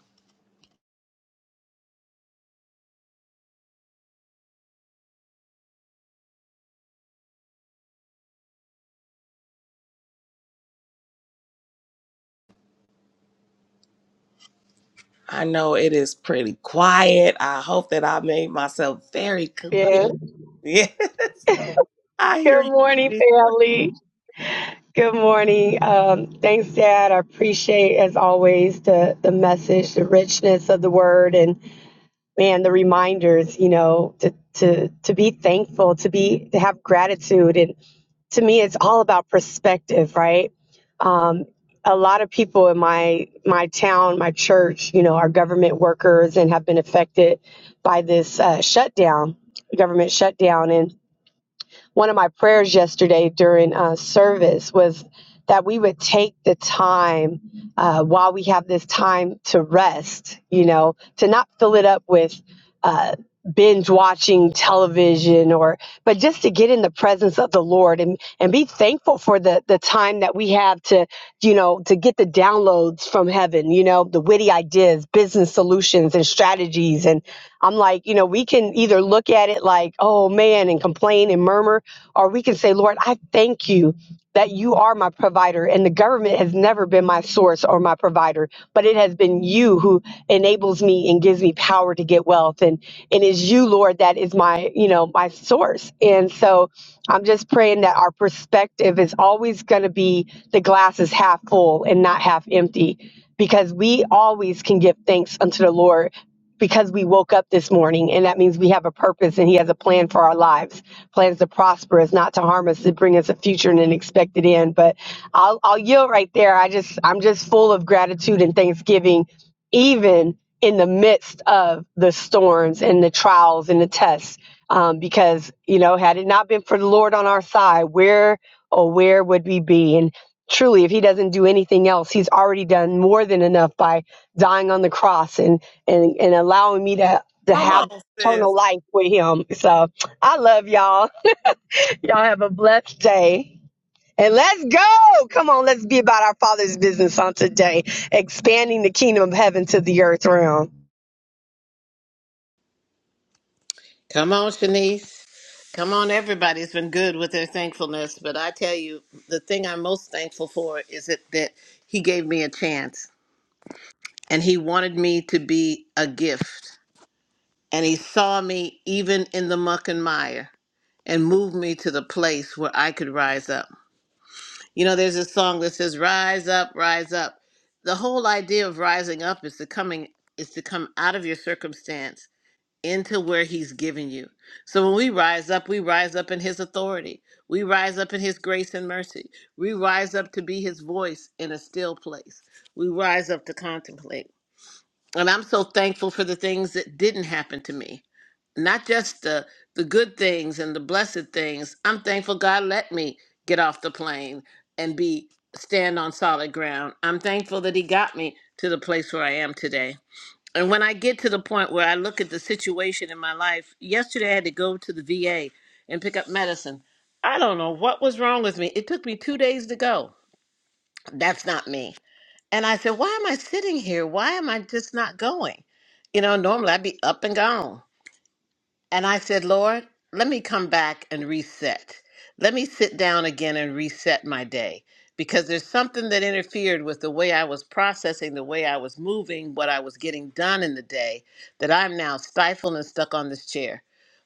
S1: I know it is pretty quiet. I hope that I made myself very clear.
S6: Yes.
S1: Yeah, I hear
S6: Good
S1: you.
S6: morning,
S1: Sister.
S6: family. Good morning. Um, thanks, Dad. I appreciate, as always, the, the message, the richness of the word, and man, the reminders. You know, to to to be thankful, to be to have gratitude, and to me, it's all about perspective, right? Um, a lot of people in my my town, my church, you know, are government workers and have been affected by this uh, shutdown, government shutdown, and one of my prayers yesterday during uh, service was that we would take the time uh, while we have this time to rest, you know, to not fill it up with. Uh, binge watching television or but just to get in the presence of the lord and and be thankful for the the time that we have to you know to get the downloads from heaven you know the witty ideas business solutions and strategies and i'm like you know we can either look at it like oh man and complain and murmur or we can say lord i thank you that you are are my provider, and the government has never been my source or my provider, but it has been you who enables me and gives me power to get wealth, and and it's you, Lord, that is my you know my source. And so I'm just praying that our perspective is always going to be the glass is half full and not half empty, because we always can give thanks unto the Lord because we woke up this morning and that means we have a purpose and he has a plan for our lives plans to prosper us not to harm us to bring us a future and an expected end but i'll i'll yield right there i just i'm just full of gratitude and thanksgiving even in the midst of the storms and the trials and the tests um, because you know had it not been for the lord on our side where or where would we be and truly if he doesn't do anything else he's already done more than enough by dying on the cross and and and allowing me to to
S1: Come
S6: have
S1: on,
S6: eternal
S1: sis.
S6: life with him. So I love y'all. Y'all have a blessed day. And let's go. Come on, let's be about our Father's business on today, expanding the kingdom of heaven to the earth realm.
S2: Come on, Shanice. Come on, everybody's been good with their thankfulness, but I tell you, the thing I'm most thankful for is that, that He gave me a chance and He wanted me to be a gift. and he saw me even in the muck and mire and moved me to the place where I could rise up. You know, there's a song that says, Rise up, rise up. The whole idea of rising up is to coming is to come out of your circumstance into where he's given you. So when we rise up, we rise up in his authority. We rise up in his grace and mercy. We rise up to be his voice in a still place. We rise up to contemplate and I'm so thankful for the things that didn't happen to me. Not just the the good things and the blessed things. I'm thankful God let me get off the plane and be stand on solid ground. I'm thankful that he got me to the place where I am today. And when I get to the point where I look at the situation in my life, yesterday I had to go to the VA and pick up medicine. I don't know what was wrong with me. It took me 2 days to go. That's not me and I said, Why am I sitting here? Why am I just not going? You know, normally I'd be up and gone. And I said, Lord, let me come back and reset. Let me sit down again and reset my day because there's something that interfered with the way I was processing, the way I was moving, what I was getting done in the day that I'm now stifled and stuck on this chair.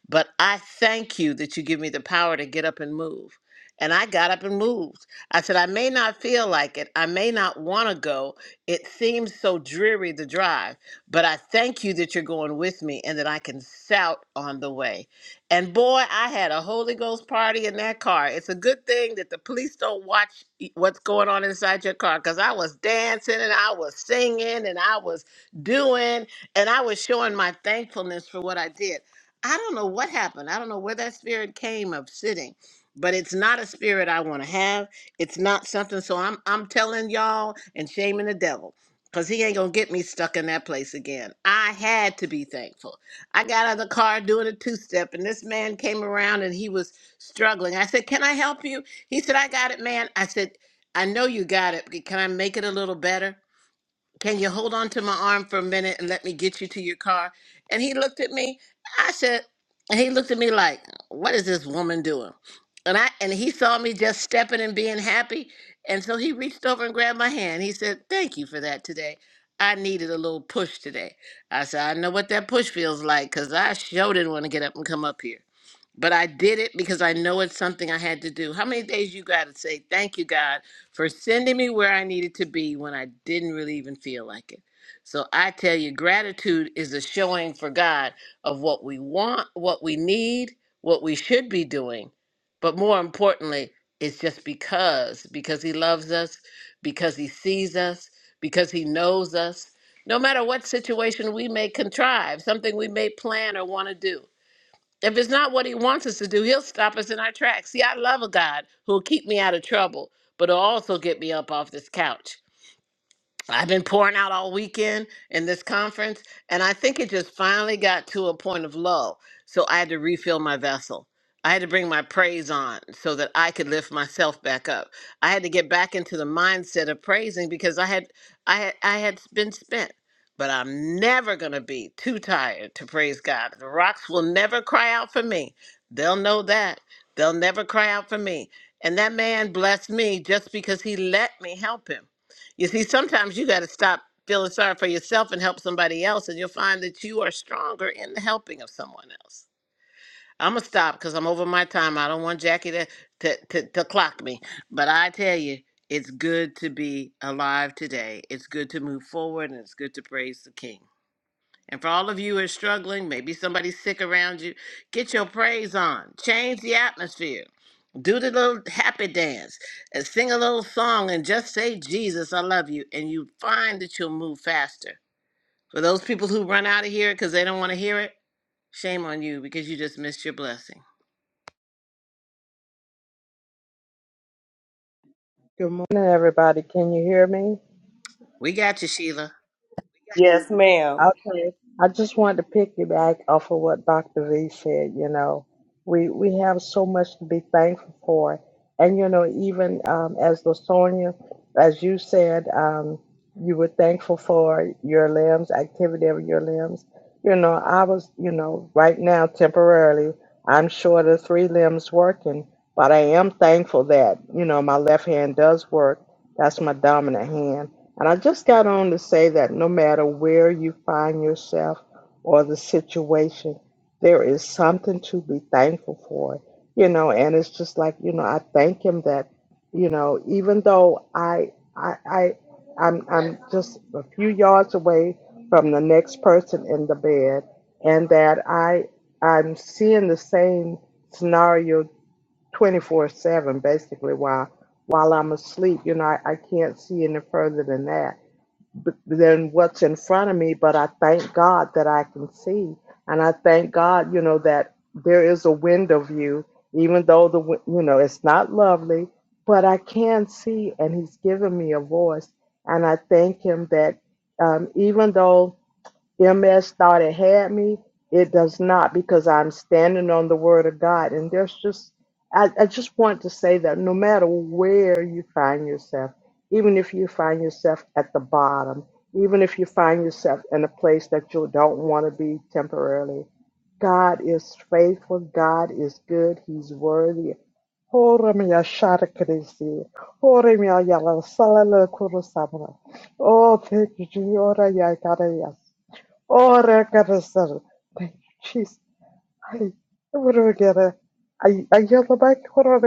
S2: But I thank you that you give me the power to get up and move. And I got up and moved. I said, I may not feel like it. I may not want to go. It seems so dreary, the drive. But I thank you that you're going with me and that I can shout on the way. And boy, I had a Holy Ghost party in that car. It's a good thing that the police don't watch what's going on inside your car because I was dancing and I was singing and I was doing and I was showing my thankfulness for what I did. I don't know what happened. I don't know where that spirit came of sitting, but it's not a spirit I want to have. It's not something. So I'm I'm telling y'all and shaming the devil. Cause he ain't gonna get me stuck in that place again. I had to be thankful. I got out of the car doing a two step, and this man came around and he was struggling. I said, "Can I help you?" He said, "I got it, man." I said, "I know you got it. but Can I make it a little better?" Can you hold on to my arm for a minute and let me get you to your car? And he looked at me. I said, and he looked at me like, what is this woman doing? And I and he saw me just stepping and being happy. And so he reached over and grabbed my hand. He said, Thank you for that today. I needed a little push today. I said, I know what that push feels like, because I sure didn't want to get up and come up here but I did it because I know it's something I had to do. How many days you got to say, thank you, God, for sending me where I needed to be when I didn't really even feel like it? So I tell you, gratitude is a showing for God of what we want, what we need, what we should be doing. But more importantly, it's just because, because He loves us, because He sees us, because He knows us. No matter what situation we may contrive, something we may plan or want to do. If it's not what he wants us to do, he'll stop us in our tracks. See, I love a God who'll keep me out of trouble, but will also get me up off this couch. I've been pouring out all weekend in this conference, and I think it just finally got to a point of low. So I had to refill my vessel. I had to bring my praise on so that I could lift myself back up. I had to get back into the mindset of praising because I had I had I had been spent. But I'm never gonna be too tired to praise God. The rocks will never cry out for me. They'll know that. They'll never cry out for me. And that man blessed me just because he let me help him. You see, sometimes you got to stop feeling sorry for yourself and help somebody else, and you'll find that you are stronger in the helping of someone else. I'm gonna stop because I'm over my time. I don't want Jackie to, to to to clock me. But I tell you, it's good to be alive today. It's good to move forward, and it's good to praise the King. And for all of you who are struggling, maybe somebody's sick around you, get your praise on. Change the atmosphere do the little happy dance and sing a little song and just say jesus i love you and you find that you'll move faster for those people who run out of here because they don't want to hear it shame on you because you just missed your blessing
S7: Good morning, everybody. Can you hear me?
S2: we got you sheila
S1: Yes, ma'am.
S7: Okay. I just wanted to piggyback off of what Dr. V said. You know, we we have so much to be thankful for, and you know, even um, as Lasonia, as you said, um, you were thankful for your limbs, activity of your limbs. You know, I was, you know, right now temporarily, I'm short of three limbs working, but I am thankful that you know my left hand does work. That's my dominant hand And I just got on to say that no matter where you find yourself or the situation, there is something to be thankful for, you know. And it's just like you know, I thank him that, you know, even though I I I I'm I'm just a few yards away from the next person in the bed, and that I I'm seeing the same scenario 24/7 basically while while I'm asleep. You know, I, I can't see any further than that b- than what's in front of me, but I thank God that I can see. And I thank God, you know, that there is a wind of you, even though the, wi- you know, it's not lovely, but I can see, and He's given me a voice. And I thank Him that um, even though MS thought it had me. It does not because I'm standing on the word of God. And there's just, I, I just want to say that no matter where you find yourself, even if you find yourself at the bottom, even if you find yourself in a place that you don't want to be temporarily, God is faithful. God is good. He's worthy. Ora mia shara krisi. Ora mia yala salala kurusabra. Oh, thank you, Jesus. Oh, that got us started. Jesus. Ay, what do we get? Ay, ay, yalla bak, what do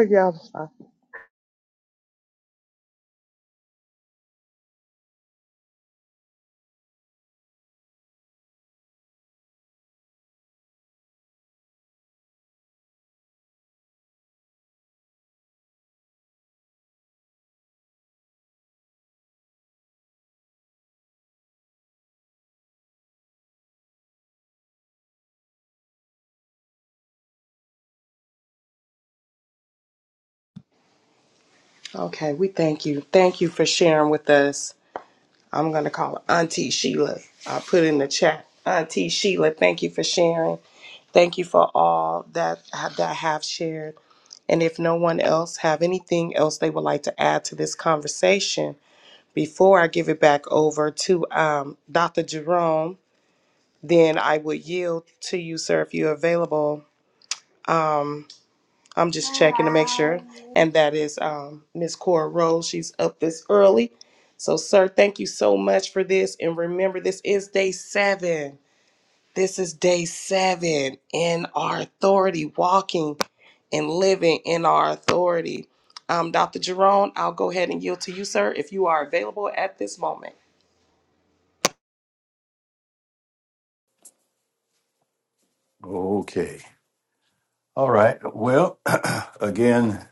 S1: Okay, we thank you. Thank you for sharing with us. I'm going to call her Auntie Sheila. I'll put in the chat. Auntie Sheila, thank you for sharing. Thank you for all that have, that have shared. And if no one else have anything else they would like to add to this conversation, before I give it back over to um, Dr. Jerome, then I would yield to you, sir, if you're available. Um, I'm just checking to make sure. And that is um, Miss Cora Rose. She's up this early. So, sir, thank you so much for this. And remember, this is day seven. This is day seven in our authority, walking and living in our authority. Um, Dr. Jerome, I'll go ahead and yield to you, sir, if you are available at this moment.
S4: Okay. All right. Well, again,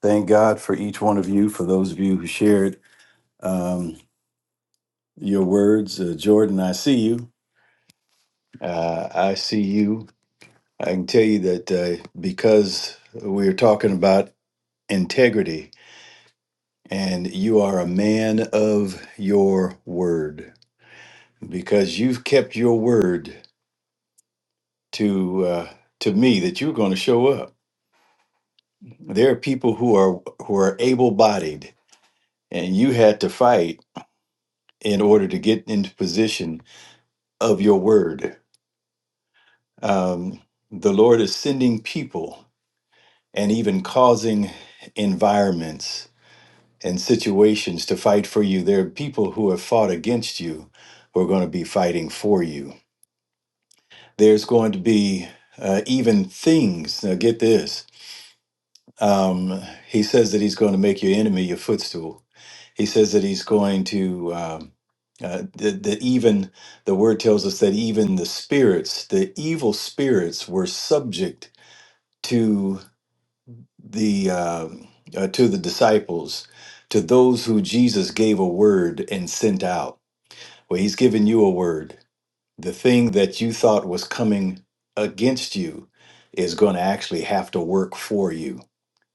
S4: thank God for each one of you, for those of you who shared um, your words. Uh, Jordan, I see you. Uh, I see you. I can tell you that uh, because we're talking about integrity and you are a man of your word, because you've kept your word to, uh, to me that you're going to show up There are people who are who are able-bodied, and you had to fight in order to get into position of your word. Um, the Lord is sending people and even causing environments and situations to fight for you. There are people who have fought against you who are going to be fighting for you. There's going to be uh, even things. Now, get this Um, he says that he's going to make your enemy your footstool. He says that he's going to um, uh, that, that even the word tells us that even the spirits, the evil spirits, were subject to the um uh, to the disciples, to those who Jesus gave a word and sent out. Well, he's given you a word. The thing that you thought was coming against you is going to actually have to work for you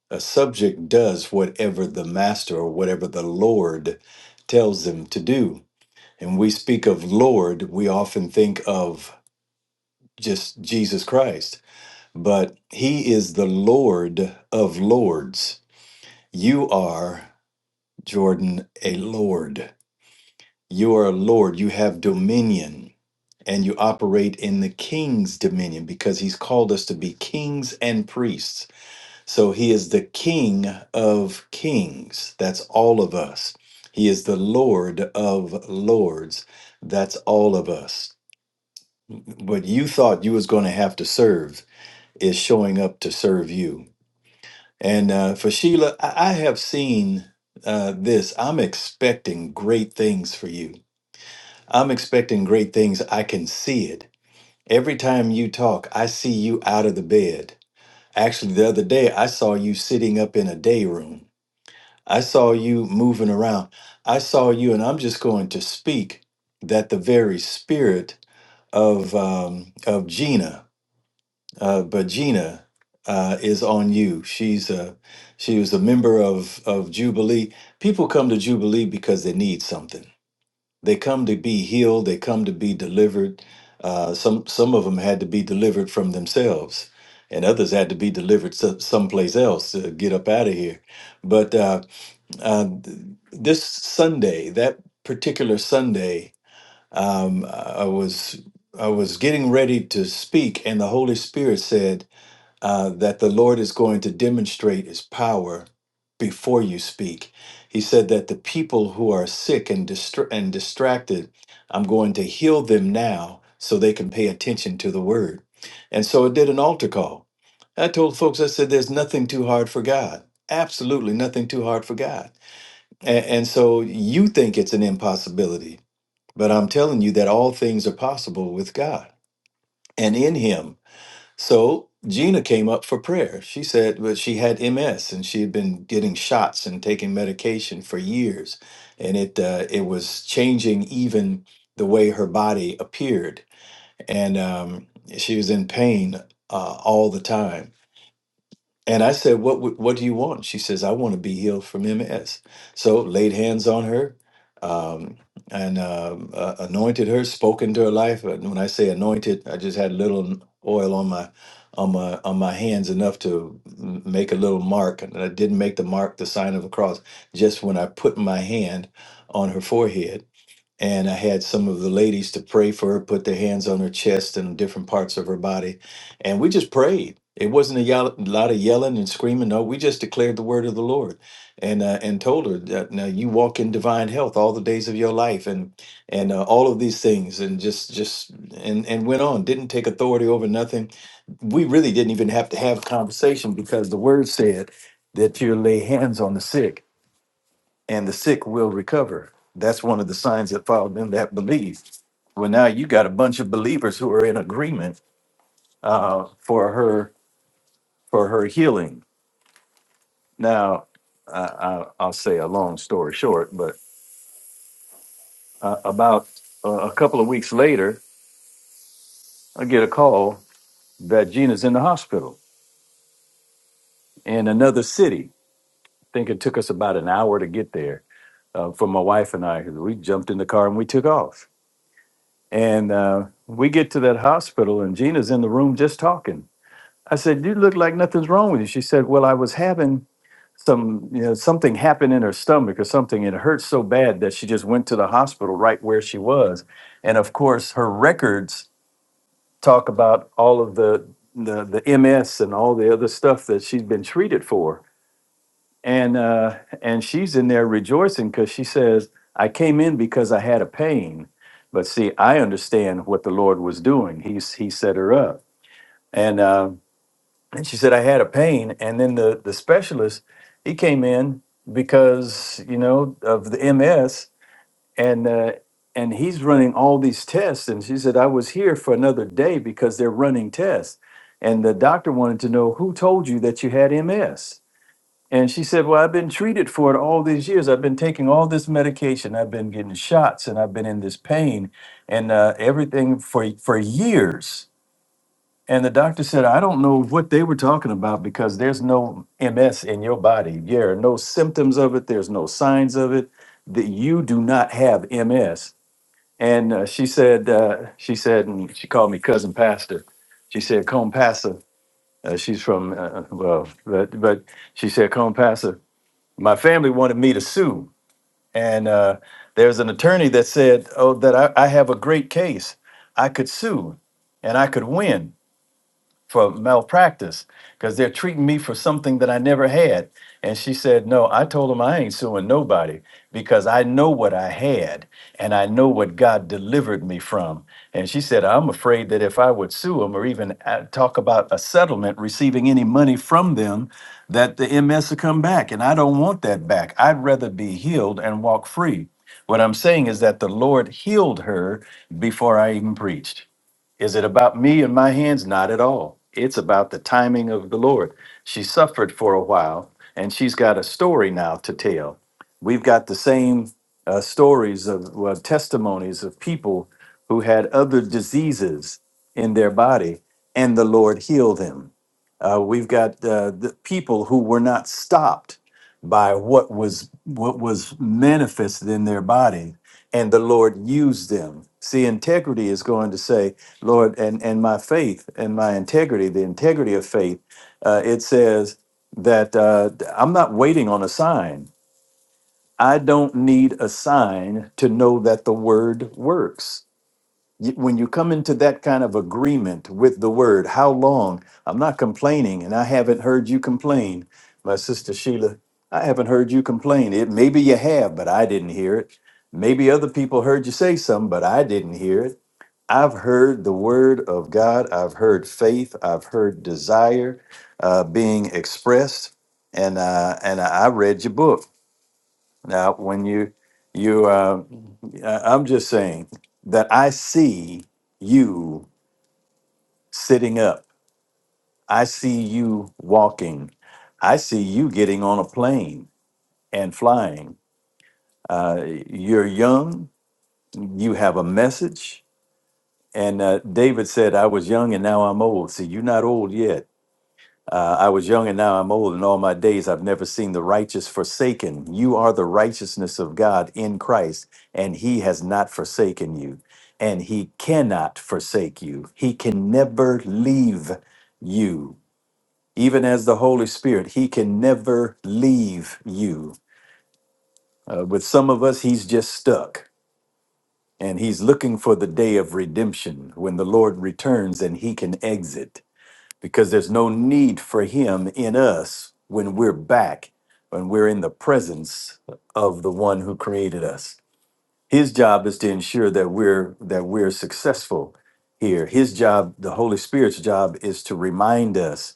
S4: a subject does whatever the master or whatever the Lord tells them to do. And we speak of Lord, we often think of just Jesus Christ, but he is the Lord of lords. You are, Jordan, a Lord. You are a Lord. You have dominion and you operate in the king's dominion because he's called us to be kings and priests. So he is the King of kings. That's all of us. He is the Lord of lords. That's all of us. What you thought you was going to have to serve is showing up to serve you. And uh, for Sheila, I, I have seen uh, this. I'm expecting great things for you. I'm expecting great things. I can see it. Every time you talk, I see you out of the bed. Actually, the other day, I saw you sitting up in a day room I saw you moving around. I saw you, and I'm just going to speak that the very spirit of um, of Gina, uh, but Gina uh, is on you. She's a she was a member of of Jubilee. People come to Jubilee because they need something. They come to be healed. They come to be delivered. Uh, some some of them had to be delivered from themselves, and others had to be delivered some someplace else to get up out of here. But uh, uh, th- this Sunday, that particular Sunday, um, I was I was getting ready to speak, and the Holy Spirit said uh, that the Lord is going to demonstrate His power before you speak. He said that the people who are sick and distra- and distracted, I'm going to heal them now, so they can pay attention to the Word. And so I did an altar call. I told folks, I said, "There's nothing too hard for God. Absolutely nothing too hard for God." And, and so you think it's an impossibility, but I'm telling you that all things are possible with God and in Him. So Gina came up for prayer. She said, well, she had MS and she had been getting shots and taking medication for years, and it uh, it was changing even the way her body appeared, and um, she was in pain uh, all the time and I said, "What would- what do you want?" She says, "I want to be healed from MS." So laid hands on her, um, and um, uh, anointed her, spoke into her life. And when I say anointed, I just had a little oil on my on my on my hands enough to m- make a little mark, and I didn't make the mark, the sign of a cross. Just when I put my hand on her forehead, and I had some of the ladies to pray for her, put their hands on her chest and different parts of her body, and we just prayed. It wasn't a, yell- a lot of yelling and screaming. No, we just declared the word of the Lord, and uh, and told her that now you walk in divine health all the days of your life, and and uh, all of these things, and just just and and went on. Didn't take authority over nothing. We really didn't even have to have conversation because the word said that you lay hands on the sick and the sick will recover. That's one of the signs that follow them that believe. Well, now you got a bunch of believers who are in agreement uh, for her for her healing. Now, I, I, I'll say a long story short, but uh, about uh, a couple of weeks later, I get a call that Gina's in the hospital in another city. I think it took us about an hour to get there uh, for my wife and I. 'cause We jumped in the car and we took off. And uh, we get to that hospital, and Gina's in the room just talking I said, "You look like nothing's wrong with you." She said, "Well, I was having some, you know, something happened in her stomach or something, and it hurt so bad that she just went to the hospital right where she was." And of course, her records talk about all of the the, the MS and all the other stuff that she's been treated for, and uh, and she's in there rejoicing because she says, "I came in because I had a pain." But see, I understand what the Lord was doing. He's he set her up, and uh, and she said, I had a pain. And then the, the specialist, he came in because, you know, of the MS and, uh, and he's running all these tests. And she said, I was here for another day because they're running tests. And the doctor wanted to know who told you that you had MS. And she said, Well, I've been treated for it all these years. I've been taking all this medication. I've been getting shots and I've been in this pain and uh, everything for, for years and the doctor said, I don't know what they were talking about because there's no MS in your body. There are no symptoms of it, there's no signs of it, that you do not have MS. And uh, she said, uh, she said, and she called me cousin pastor. She said, Cone Pastor, uh, she's from, uh, well, but, but she said, Cone Pastor, my family wanted me to sue. And uh, there's an attorney that said, Oh, that I, I have a great case. I could sue and I could win for malpractice because they're treating me for something that I never had. And she said, No, I told them I ain't suing nobody because I know what I had and I know what God delivered me from. And she said, I'm afraid that if I would sue them or even uh, talk about a settlement, receiving any money from them, that the MS will come back. And I don't want that back. I'd rather be healed and walk free. What I'm saying is that the Lord healed her before I even preached. Is it about me and my hands? Not at all. It's about the timing of the Lord. She suffered for a while, and she's got a story now to tell. We've got the same uh, stories of well, testimonies of people who had other diseases in their body, and the Lord healed them. Uh, we've got uh, the people who were not stopped by what was what was manifested in their body, and the Lord used them. See, integrity is going to say Lord, and, and my faith and my integrity, the integrity of faith, uh, it says that uh, I'm not waiting on a sign. I don't need a sign to know that the word works. Y- When you come into that kind of agreement with the word, how long? I'm not complaining, and I haven't heard you complain. My sister Sheila, I haven't heard you complain. It maybe you have, but I didn't hear it. Maybe other people heard you say something, but I didn't hear it. I've heard the word of God. I've heard faith. I've heard desire uh, being expressed, and uh, and I read your book. Now, when you you, uh, I- I'm just saying that I see you sitting up. I see you walking. I see you getting on a plane and flying. Uh, you're young. You have a message. And uh, David said, "I was young, and now I'm old." See, you're not old yet Uh, I was young and now I'm old, and all my days I've never seen the righteous forsaken. You are the righteousness of God in Christ, and He has not forsaken you, and He cannot forsake you. He can never leave you. Even as the Holy Spirit, He can never leave you. Uh, with some of us, He's just stuck, and He's looking for the day of redemption when the Lord returns and He can exit because there's no need for him in us when we're back, when we're in the presence of the one who created us. His job is to ensure that we're that we're successful here. His job, the Holy Spirit's job is to remind us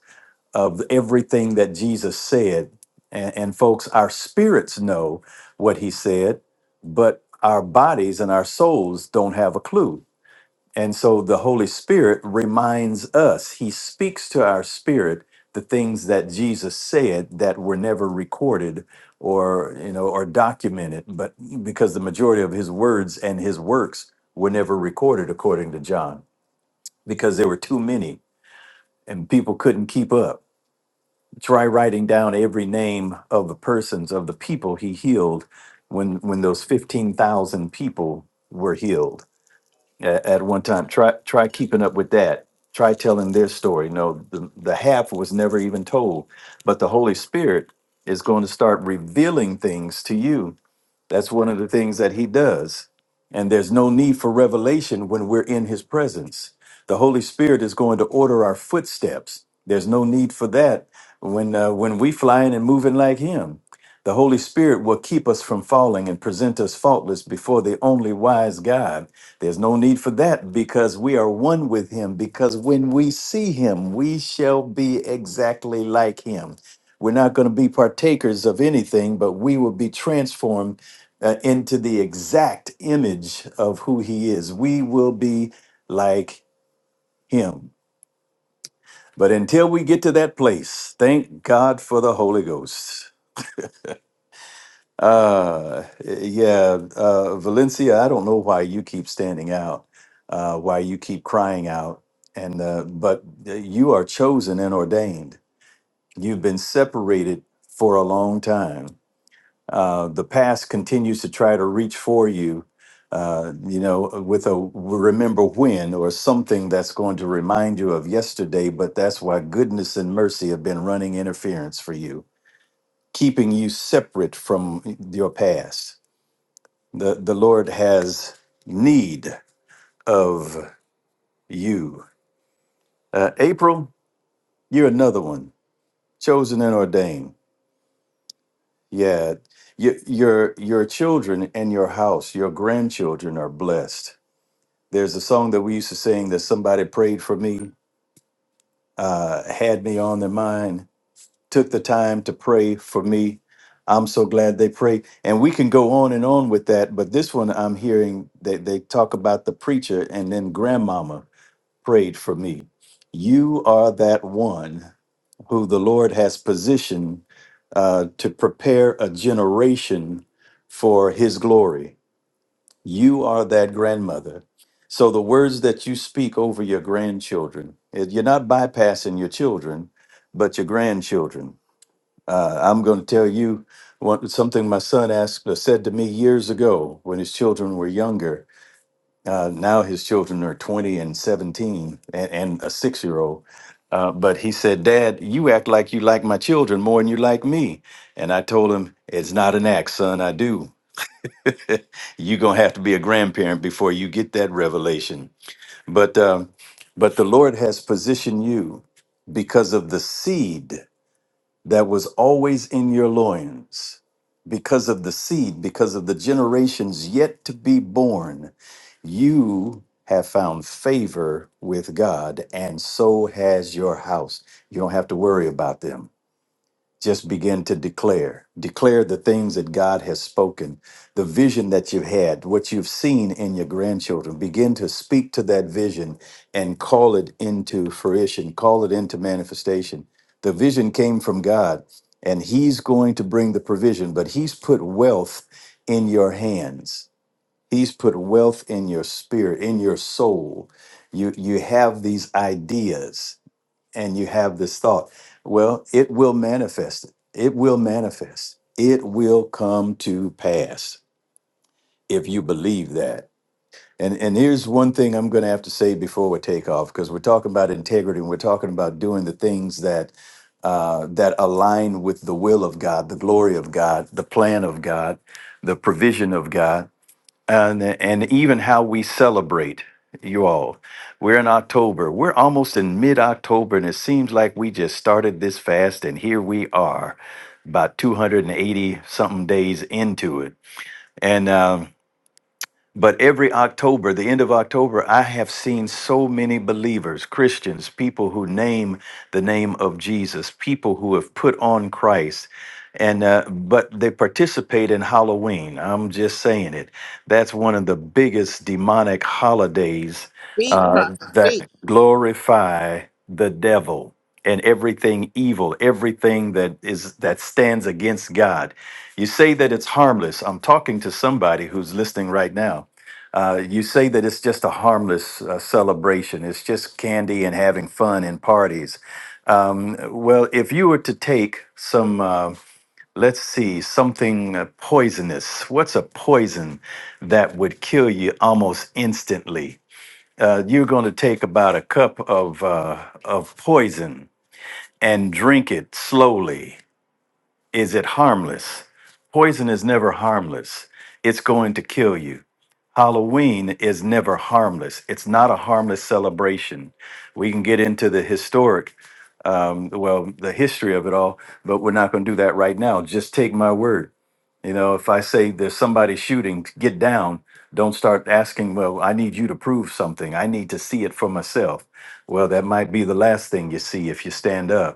S4: of everything that Jesus said. And, and folks, our spirits know what he said, but our bodies and our souls don't have a clue and so the Holy Spirit reminds us, He speaks to our spirit the things that Jesus said that were never recorded or, you know, or documented, but because the majority of His words and His works were never recorded, according to John, because there were too many and people couldn't keep up. Try writing down every name of the persons, of the people He healed when, when those 15,000 people were healed at, at one time. Try try keeping up with that. Try telling their story. No, the, the half was never even told. But the Holy Spirit is going to start revealing things to you that's one of the things that he does. And there's no need for revelation when we're in his presence. The Holy Spirit is going to order our footsteps. There's no need for that when uh, when we flying and moving like him. The Holy Spirit will keep us from falling and present us faultless before the only wise God. There's no need for that because we are one with him because when we see him, we shall be exactly like him. We're not going to be partakers of anything, but we will be transformed uh, into the exact image of who he is. We will be like him. But until we get to that place, thank God for the Holy Ghost. Uh, yeah, uh, Valencia, I don't know why you keep standing out, uh, why you keep crying out. And, uh, but uh, you are chosen and ordained. You've been separated for a long time Uh, the past continues to try to reach for you, uh, you know, with a remember when or something that's going to remind you of yesterday. But that's why goodness and mercy have been running interference for you, keeping you separate from your past. The, the Lord has need of you. Uh, April, you're another one, chosen and ordained. Yeah, your, your, your children and your house, your grandchildren are blessed There's a song that we used to sing that somebody prayed for me, uh, had me on their mind, took the time to pray for me. I'm so glad they prayed. And we can go on and on with that, but this one I'm hearing that they talk about the preacher and then grandmama prayed for me. You are that one who the Lord has positioned uh, to prepare a generation for his glory you are that grandmother. So the words that you speak over your grandchildren, eh, you're not bypassing your children, but your grandchildren. Uh, I'm going to tell you one, something my son asked uh, said to me years ago when his children were younger. Uh, now his children are 20 and 17 and, and a six year old. Uh, but he said, Dad, you act like you like my children more than you like me. And I told him, It's not an act, son. I do you're gonna have to be a grandparent before you get that revelation. But um, but the Lord has positioned you because of the seed that was always in your loins, because of the seed, because of the generations yet to be born, you have found favor with God, and so has your house. You don't have to worry about them just begin to declare declare the things that god has spoken the vision that you've had what you've seen in your grandchildren begin to speak to that vision and call it into fruition call it into manifestation the vision came from god and he's going to bring the provision but he's put wealth in your hands he's put wealth in your spirit in your soul you you have these ideas and you have this thought. Well, it will manifest. It will manifest. It will come to pass if you believe that. And and here's one thing I'm going to have to say before we take off because we're talking about integrity and we're talking about doing the things that uh, that align with the will of God, the glory of God, the plan of God, the provision of God and and even how we celebrate you all we're in october we're almost in mid-october and it seems like we just started this fast and here we are about 280 something days into it and um, but every October, the end of October, I have seen so many believers, Christians, people who name the name of Jesus, people who have put on Christ, and uh, but they participate in Halloween. I'm just saying it. That's one of the biggest demonic holidays
S2: Speak, Father,
S4: uh,
S2: speak.
S4: that glorify the devil and everything evil, everything that is that stands against God you say that it's harmless. I'm talking to somebody who's listening right now. Uh, you say that it's just a harmless uh, celebration. It's just candy and having fun and parties. Um, well, if you were to take some, uh, let's see, something uh, poisonous, what's a poison that would kill you almost instantly? Uh, you're going to take about a cup of, uh, of poison and drink it slowly is it harmless? Poison is never harmless. It's going to kill you. Halloween is never harmless. It's not a harmless celebration. We can get into the historic, um, well, the history of it all, but we're not going to do that right now. Just take my word. You know, if I say there's somebody shooting, get down. Don't start asking, well, I need you to prove something. I need to see it for myself. Well, that might be the last thing you see if you stand up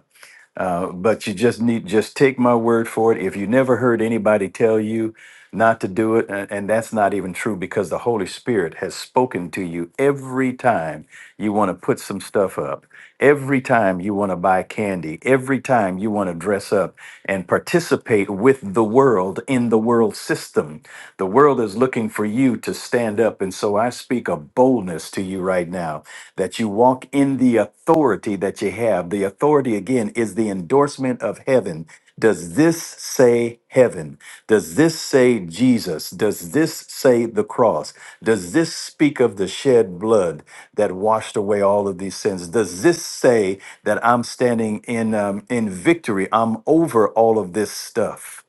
S4: uh, but you just need just take my word for it. If you never heard anybody tell you not to do it, and, and that's not even true because the Holy Spirit has spoken to you every time you want to put some stuff up, every time you want to buy candy, every time you want to dress up and participate with the world in the world system. The world is looking for you to stand up, and so I speak a boldness to you right now that you walk in the authority that you have. The authority, again, is the endorsement of heaven. Does this say heaven? Does this say Jesus? Does this say the cross? Does this speak of the shed blood that washed away all of these sins? Does this say that I'm standing in um, in victory? I'm over all of this stuff.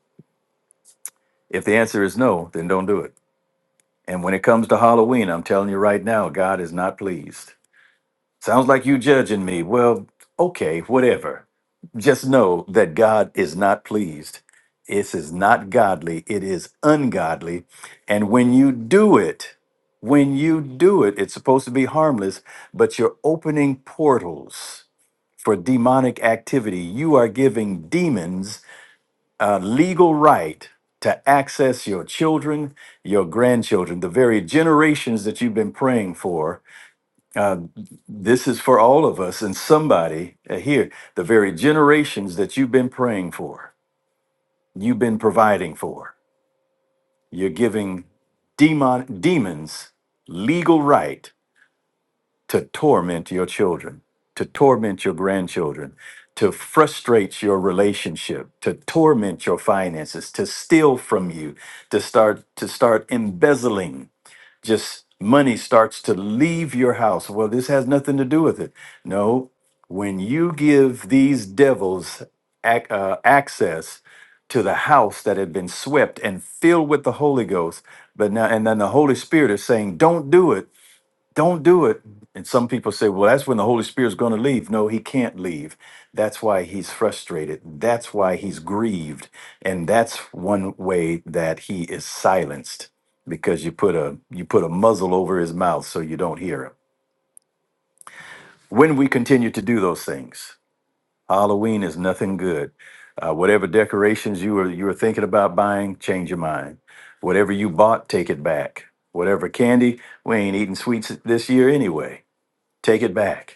S4: If the answer is no, then don't do it. And when it comes to Halloween, I'm telling you right now, God is not pleased. Sounds like you judging me. Well, okay, whatever. Just know that God is not pleased. This is not godly, it is ungodly. And when you do it, when you do it, it's supposed to be harmless, but you're opening portals for demonic activity. You are giving demons a legal right to access your children, your grandchildren, the very generations that you've been praying for uh, this is for all of us and somebody uh, here, the very generations that you've been praying for, you've been providing for. You're giving demon, demons legal right to torment your children, to torment your grandchildren, to frustrate your relationship, to torment your finances, to steal from you, to start to start embezzling just money starts to leave your house. Well, this has nothing to do with it. No, when you give these devils ac- uh, access to the house that had been swept and filled with the Holy Ghost, but now, and then the Holy Spirit is saying, don't do it don't do it. And some people say, well, that's when the Holy Spirit's going to leave. No, he can't leave. That's why he's frustrated. That's why he's grieved. And that's one way that he is silenced because you put a you put a muzzle over his mouth so you don't hear him. When we continue to do those things, Halloween is nothing good. Uh, whatever decorations you were you were thinking about buying, change your mind. Whatever you bought, take it back. Whatever candy, we ain't eating sweets this year anyway. Take it back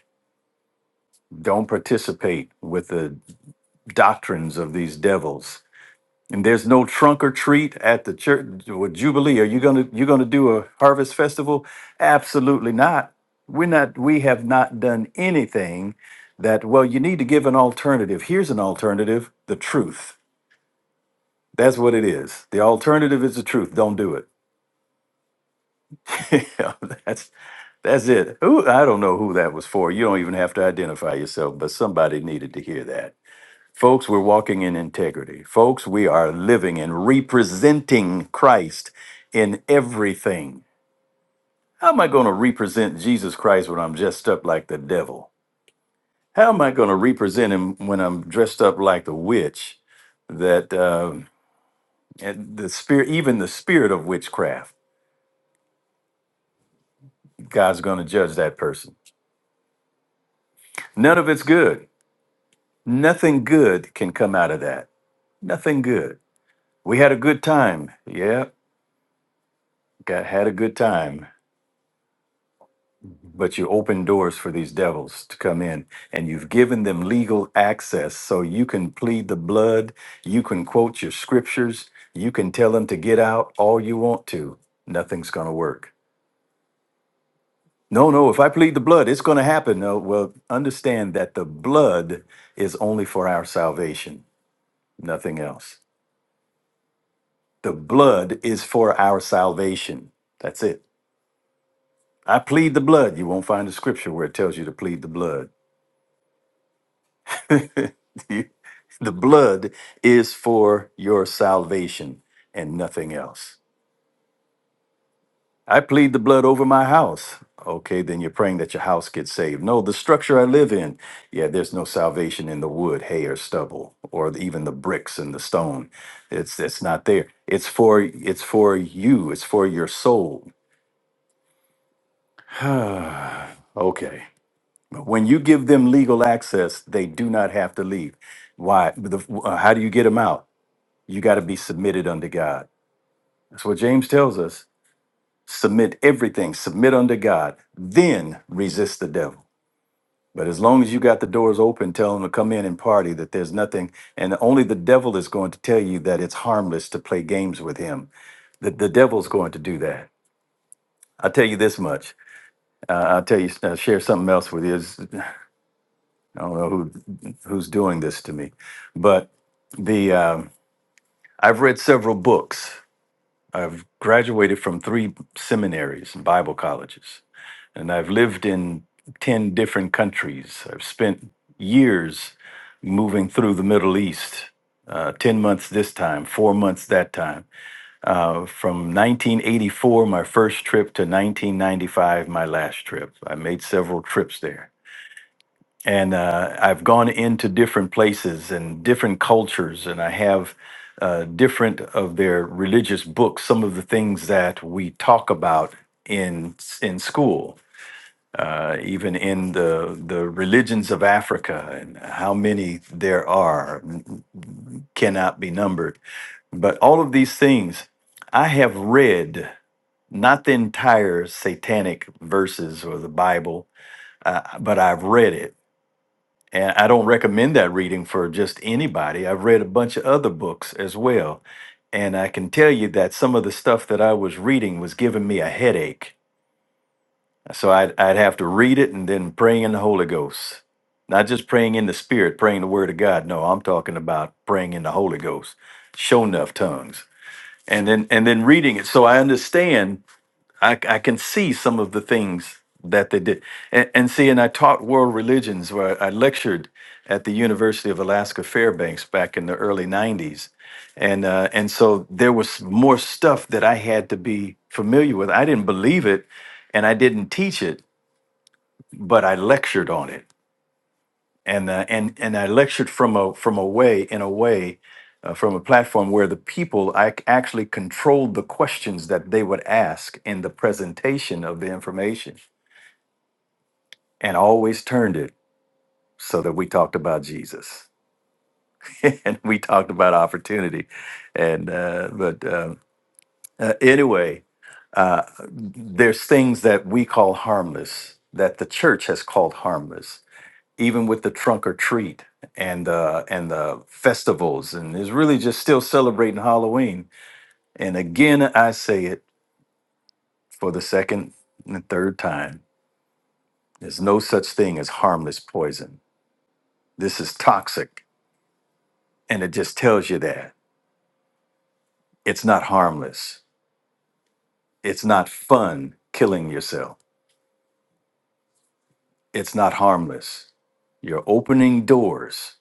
S4: Don't participate with the doctrines of these devils. And there's no trunk or treat at the church with Jubilee. Are you gonna you gonna do a harvest festival? Absolutely not. We're not. We have not done anything that. Well, you need to give an alternative. Here's an alternative: the truth. That's what it is. The alternative is the truth. Don't do it. Yeah, that's that's it. Who I don't know who that was for. You don't even have to identify yourself, but somebody needed to hear that. Folks, we're walking in integrity. Folks, we are living and representing Christ in everything. How am I going to represent Jesus Christ when I'm dressed up like the devil? How am I going to represent him when I'm dressed up like the witch? That uh, and the spirit, even the spirit of witchcraft, God's going to judge that person. None of it's good. Nothing good can come out of that. Nothing good. We had a good time. Yeah, got had a good time but you open doors for these devils to come in and you've given them legal access so you can plead the blood you can quote your scriptures you can tell them to get out all you want to nothing's going to work no no if i plead the blood it's going to happen no well understand that the blood is only for our salvation nothing else the blood is for our salvation that's it i plead the blood you won't find a scripture where it tells you to plead the blood the blood is for your salvation and nothing else. I plead the blood over my house. Okay, then you're praying that your house gets saved. No, the structure I live in, yeah, there's no salvation in the wood, hay, or stubble, or even the bricks and the stone. It's it's not there. It's for it's for you. It's for your soul. okay. When you give them legal access, they do not have to leave. Why? The, uh, how do you get them out? You got to be submitted unto God. That's what James tells us. Submit everything, submit unto God, then resist the devil. But as long as you got the doors open, tell him to come in and party, that there's nothing, and only the devil is going to tell you that it's harmless to play games with him. The, the devil's going to do that. I'll tell you this much. Uh, I'll tell you, uh, share something else with you. It's- I don't know who who's doing this to me, but the um, I've read several books I've graduated from three seminaries and Bible colleges, and I've lived in 10 different countries. I've spent years moving through the Middle East, uh, 10 months this time, four months that time. Uh, from 1984, my first trip, to 1995, my last trip. I made several trips there and uh, I've gone into different places and different cultures, and I have uh, different of their religious books. Some of the things that we talk about in in school, uh, even in the the religions of Africa, and how many there are n- cannot be numbered. But all of these things, I have read not the entire satanic verses or the Bible, uh, but I've read it and I don't recommend that reading for just anybody. I've read a bunch of other books as well. And I can tell you that some of the stuff that I was reading was giving me a headache. So I'd, I'd have to read it and then praying in the Holy Ghost. Not just praying in the Spirit, praying the Word of God. No, I'm talking about praying in the Holy Ghost, show enough tongues. And then and then reading it. So I understand I, I can see some of the things that they did. And, and see, and I taught world religions where I lectured at the University of Alaska Fairbanks back in the early 90s. And, uh, and so there was more stuff that I had to be familiar with. I didn't believe it and I didn't teach it, but I lectured on it and uh, and and I lectured from a from a way in a way uh, from a platform where the people I c- actually controlled the questions that they would ask in the presentation of the information, and always turned it so that we talked about Jesus and we talked about opportunity, and uh, but uh, uh, anyway, uh, there's things that we call harmless that the church has called harmless even with the trunk or treat and uh and the festivals and is really just still celebrating Halloween. And again I say it for the second and third time. There's no such thing as harmless poison. This is toxic and it just tells you that. It's not harmless. It's not fun killing yourself. It's not harmless. You're opening doors.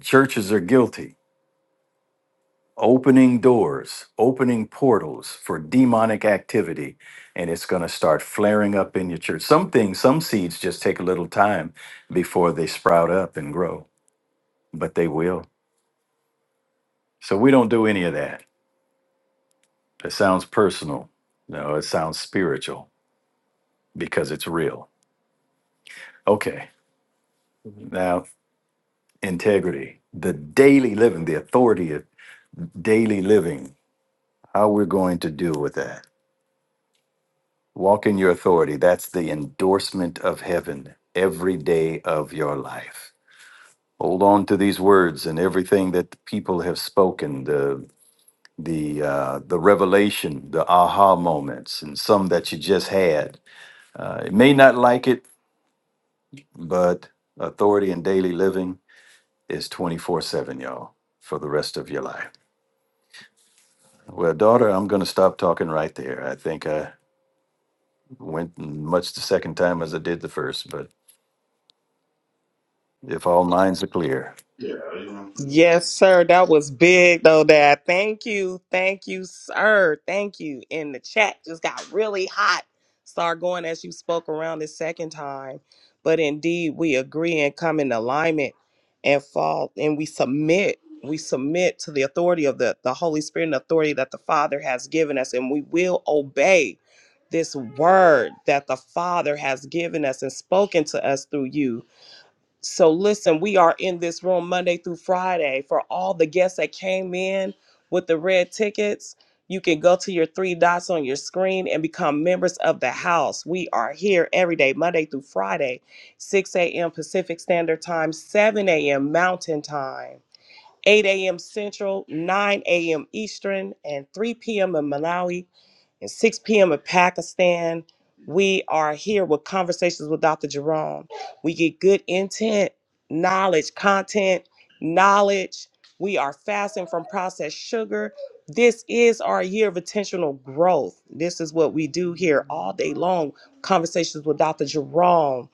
S4: Churches are guilty. opening doors, opening portals for demonic activity, and it's going to start flaring up in your church. Some things, some seeds just take a little time before they sprout up and grow, but they will. So we don't do any of that. It sounds personal. No, it sounds spiritual because it's real. Okay. Now, integrity, the daily living, the authority of daily living, how we're going to deal with that. Walk in your authority. That's the endorsement of heaven every day of your life. Hold on to these words and everything that the people have spoken, the the uh, the revelation, the aha moments, and some that you just had. Uh, it may not like it, but authority in daily living is twenty four seven, y'all, for the rest of your life. Well, daughter, I'm going to stop talking right there. I think I went much the second time as I did the first, but if all minds are clear.
S1: Yeah, you Yes, sir. That was big though, Dad. Thank you. Thank you, sir. Thank you. And the chat just got really hot. Start going as you spoke around the second time. But indeed, we agree and come in alignment and fall and we submit. We submit to the authority of the, the Holy Spirit and authority that the Father has given us, and we will obey this word that the Father has given us and spoken to us through you so listen, we are in this room Monday through Friday. For all the guests that came in with the red tickets, you can go to your three dots on your screen and become members of the house. We are here every day, Monday through Friday, 6 a.m. Pacific Standard Time, 7 a.m. Mountain Time, 8 a.m. Central, 9 a.m. Eastern, and 3 p.m. in Malawi and 6 p.m. in Pakistan. We are here with conversations with Dr. Jerome. We get good intent, knowledge, content, knowledge. We are fasting from processed sugar. This is our year of intentional growth. This is what we do here all day long. Conversations with Dr. Jerome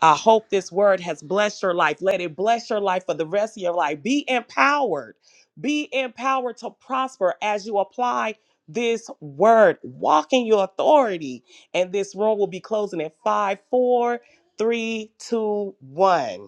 S1: I hope this word has blessed your life. Let it bless your life for the rest of your life. Be empowered. Be empowered to prosper as you apply this word. Walk in your authority. And this room will be closing at five, four, three, two, one.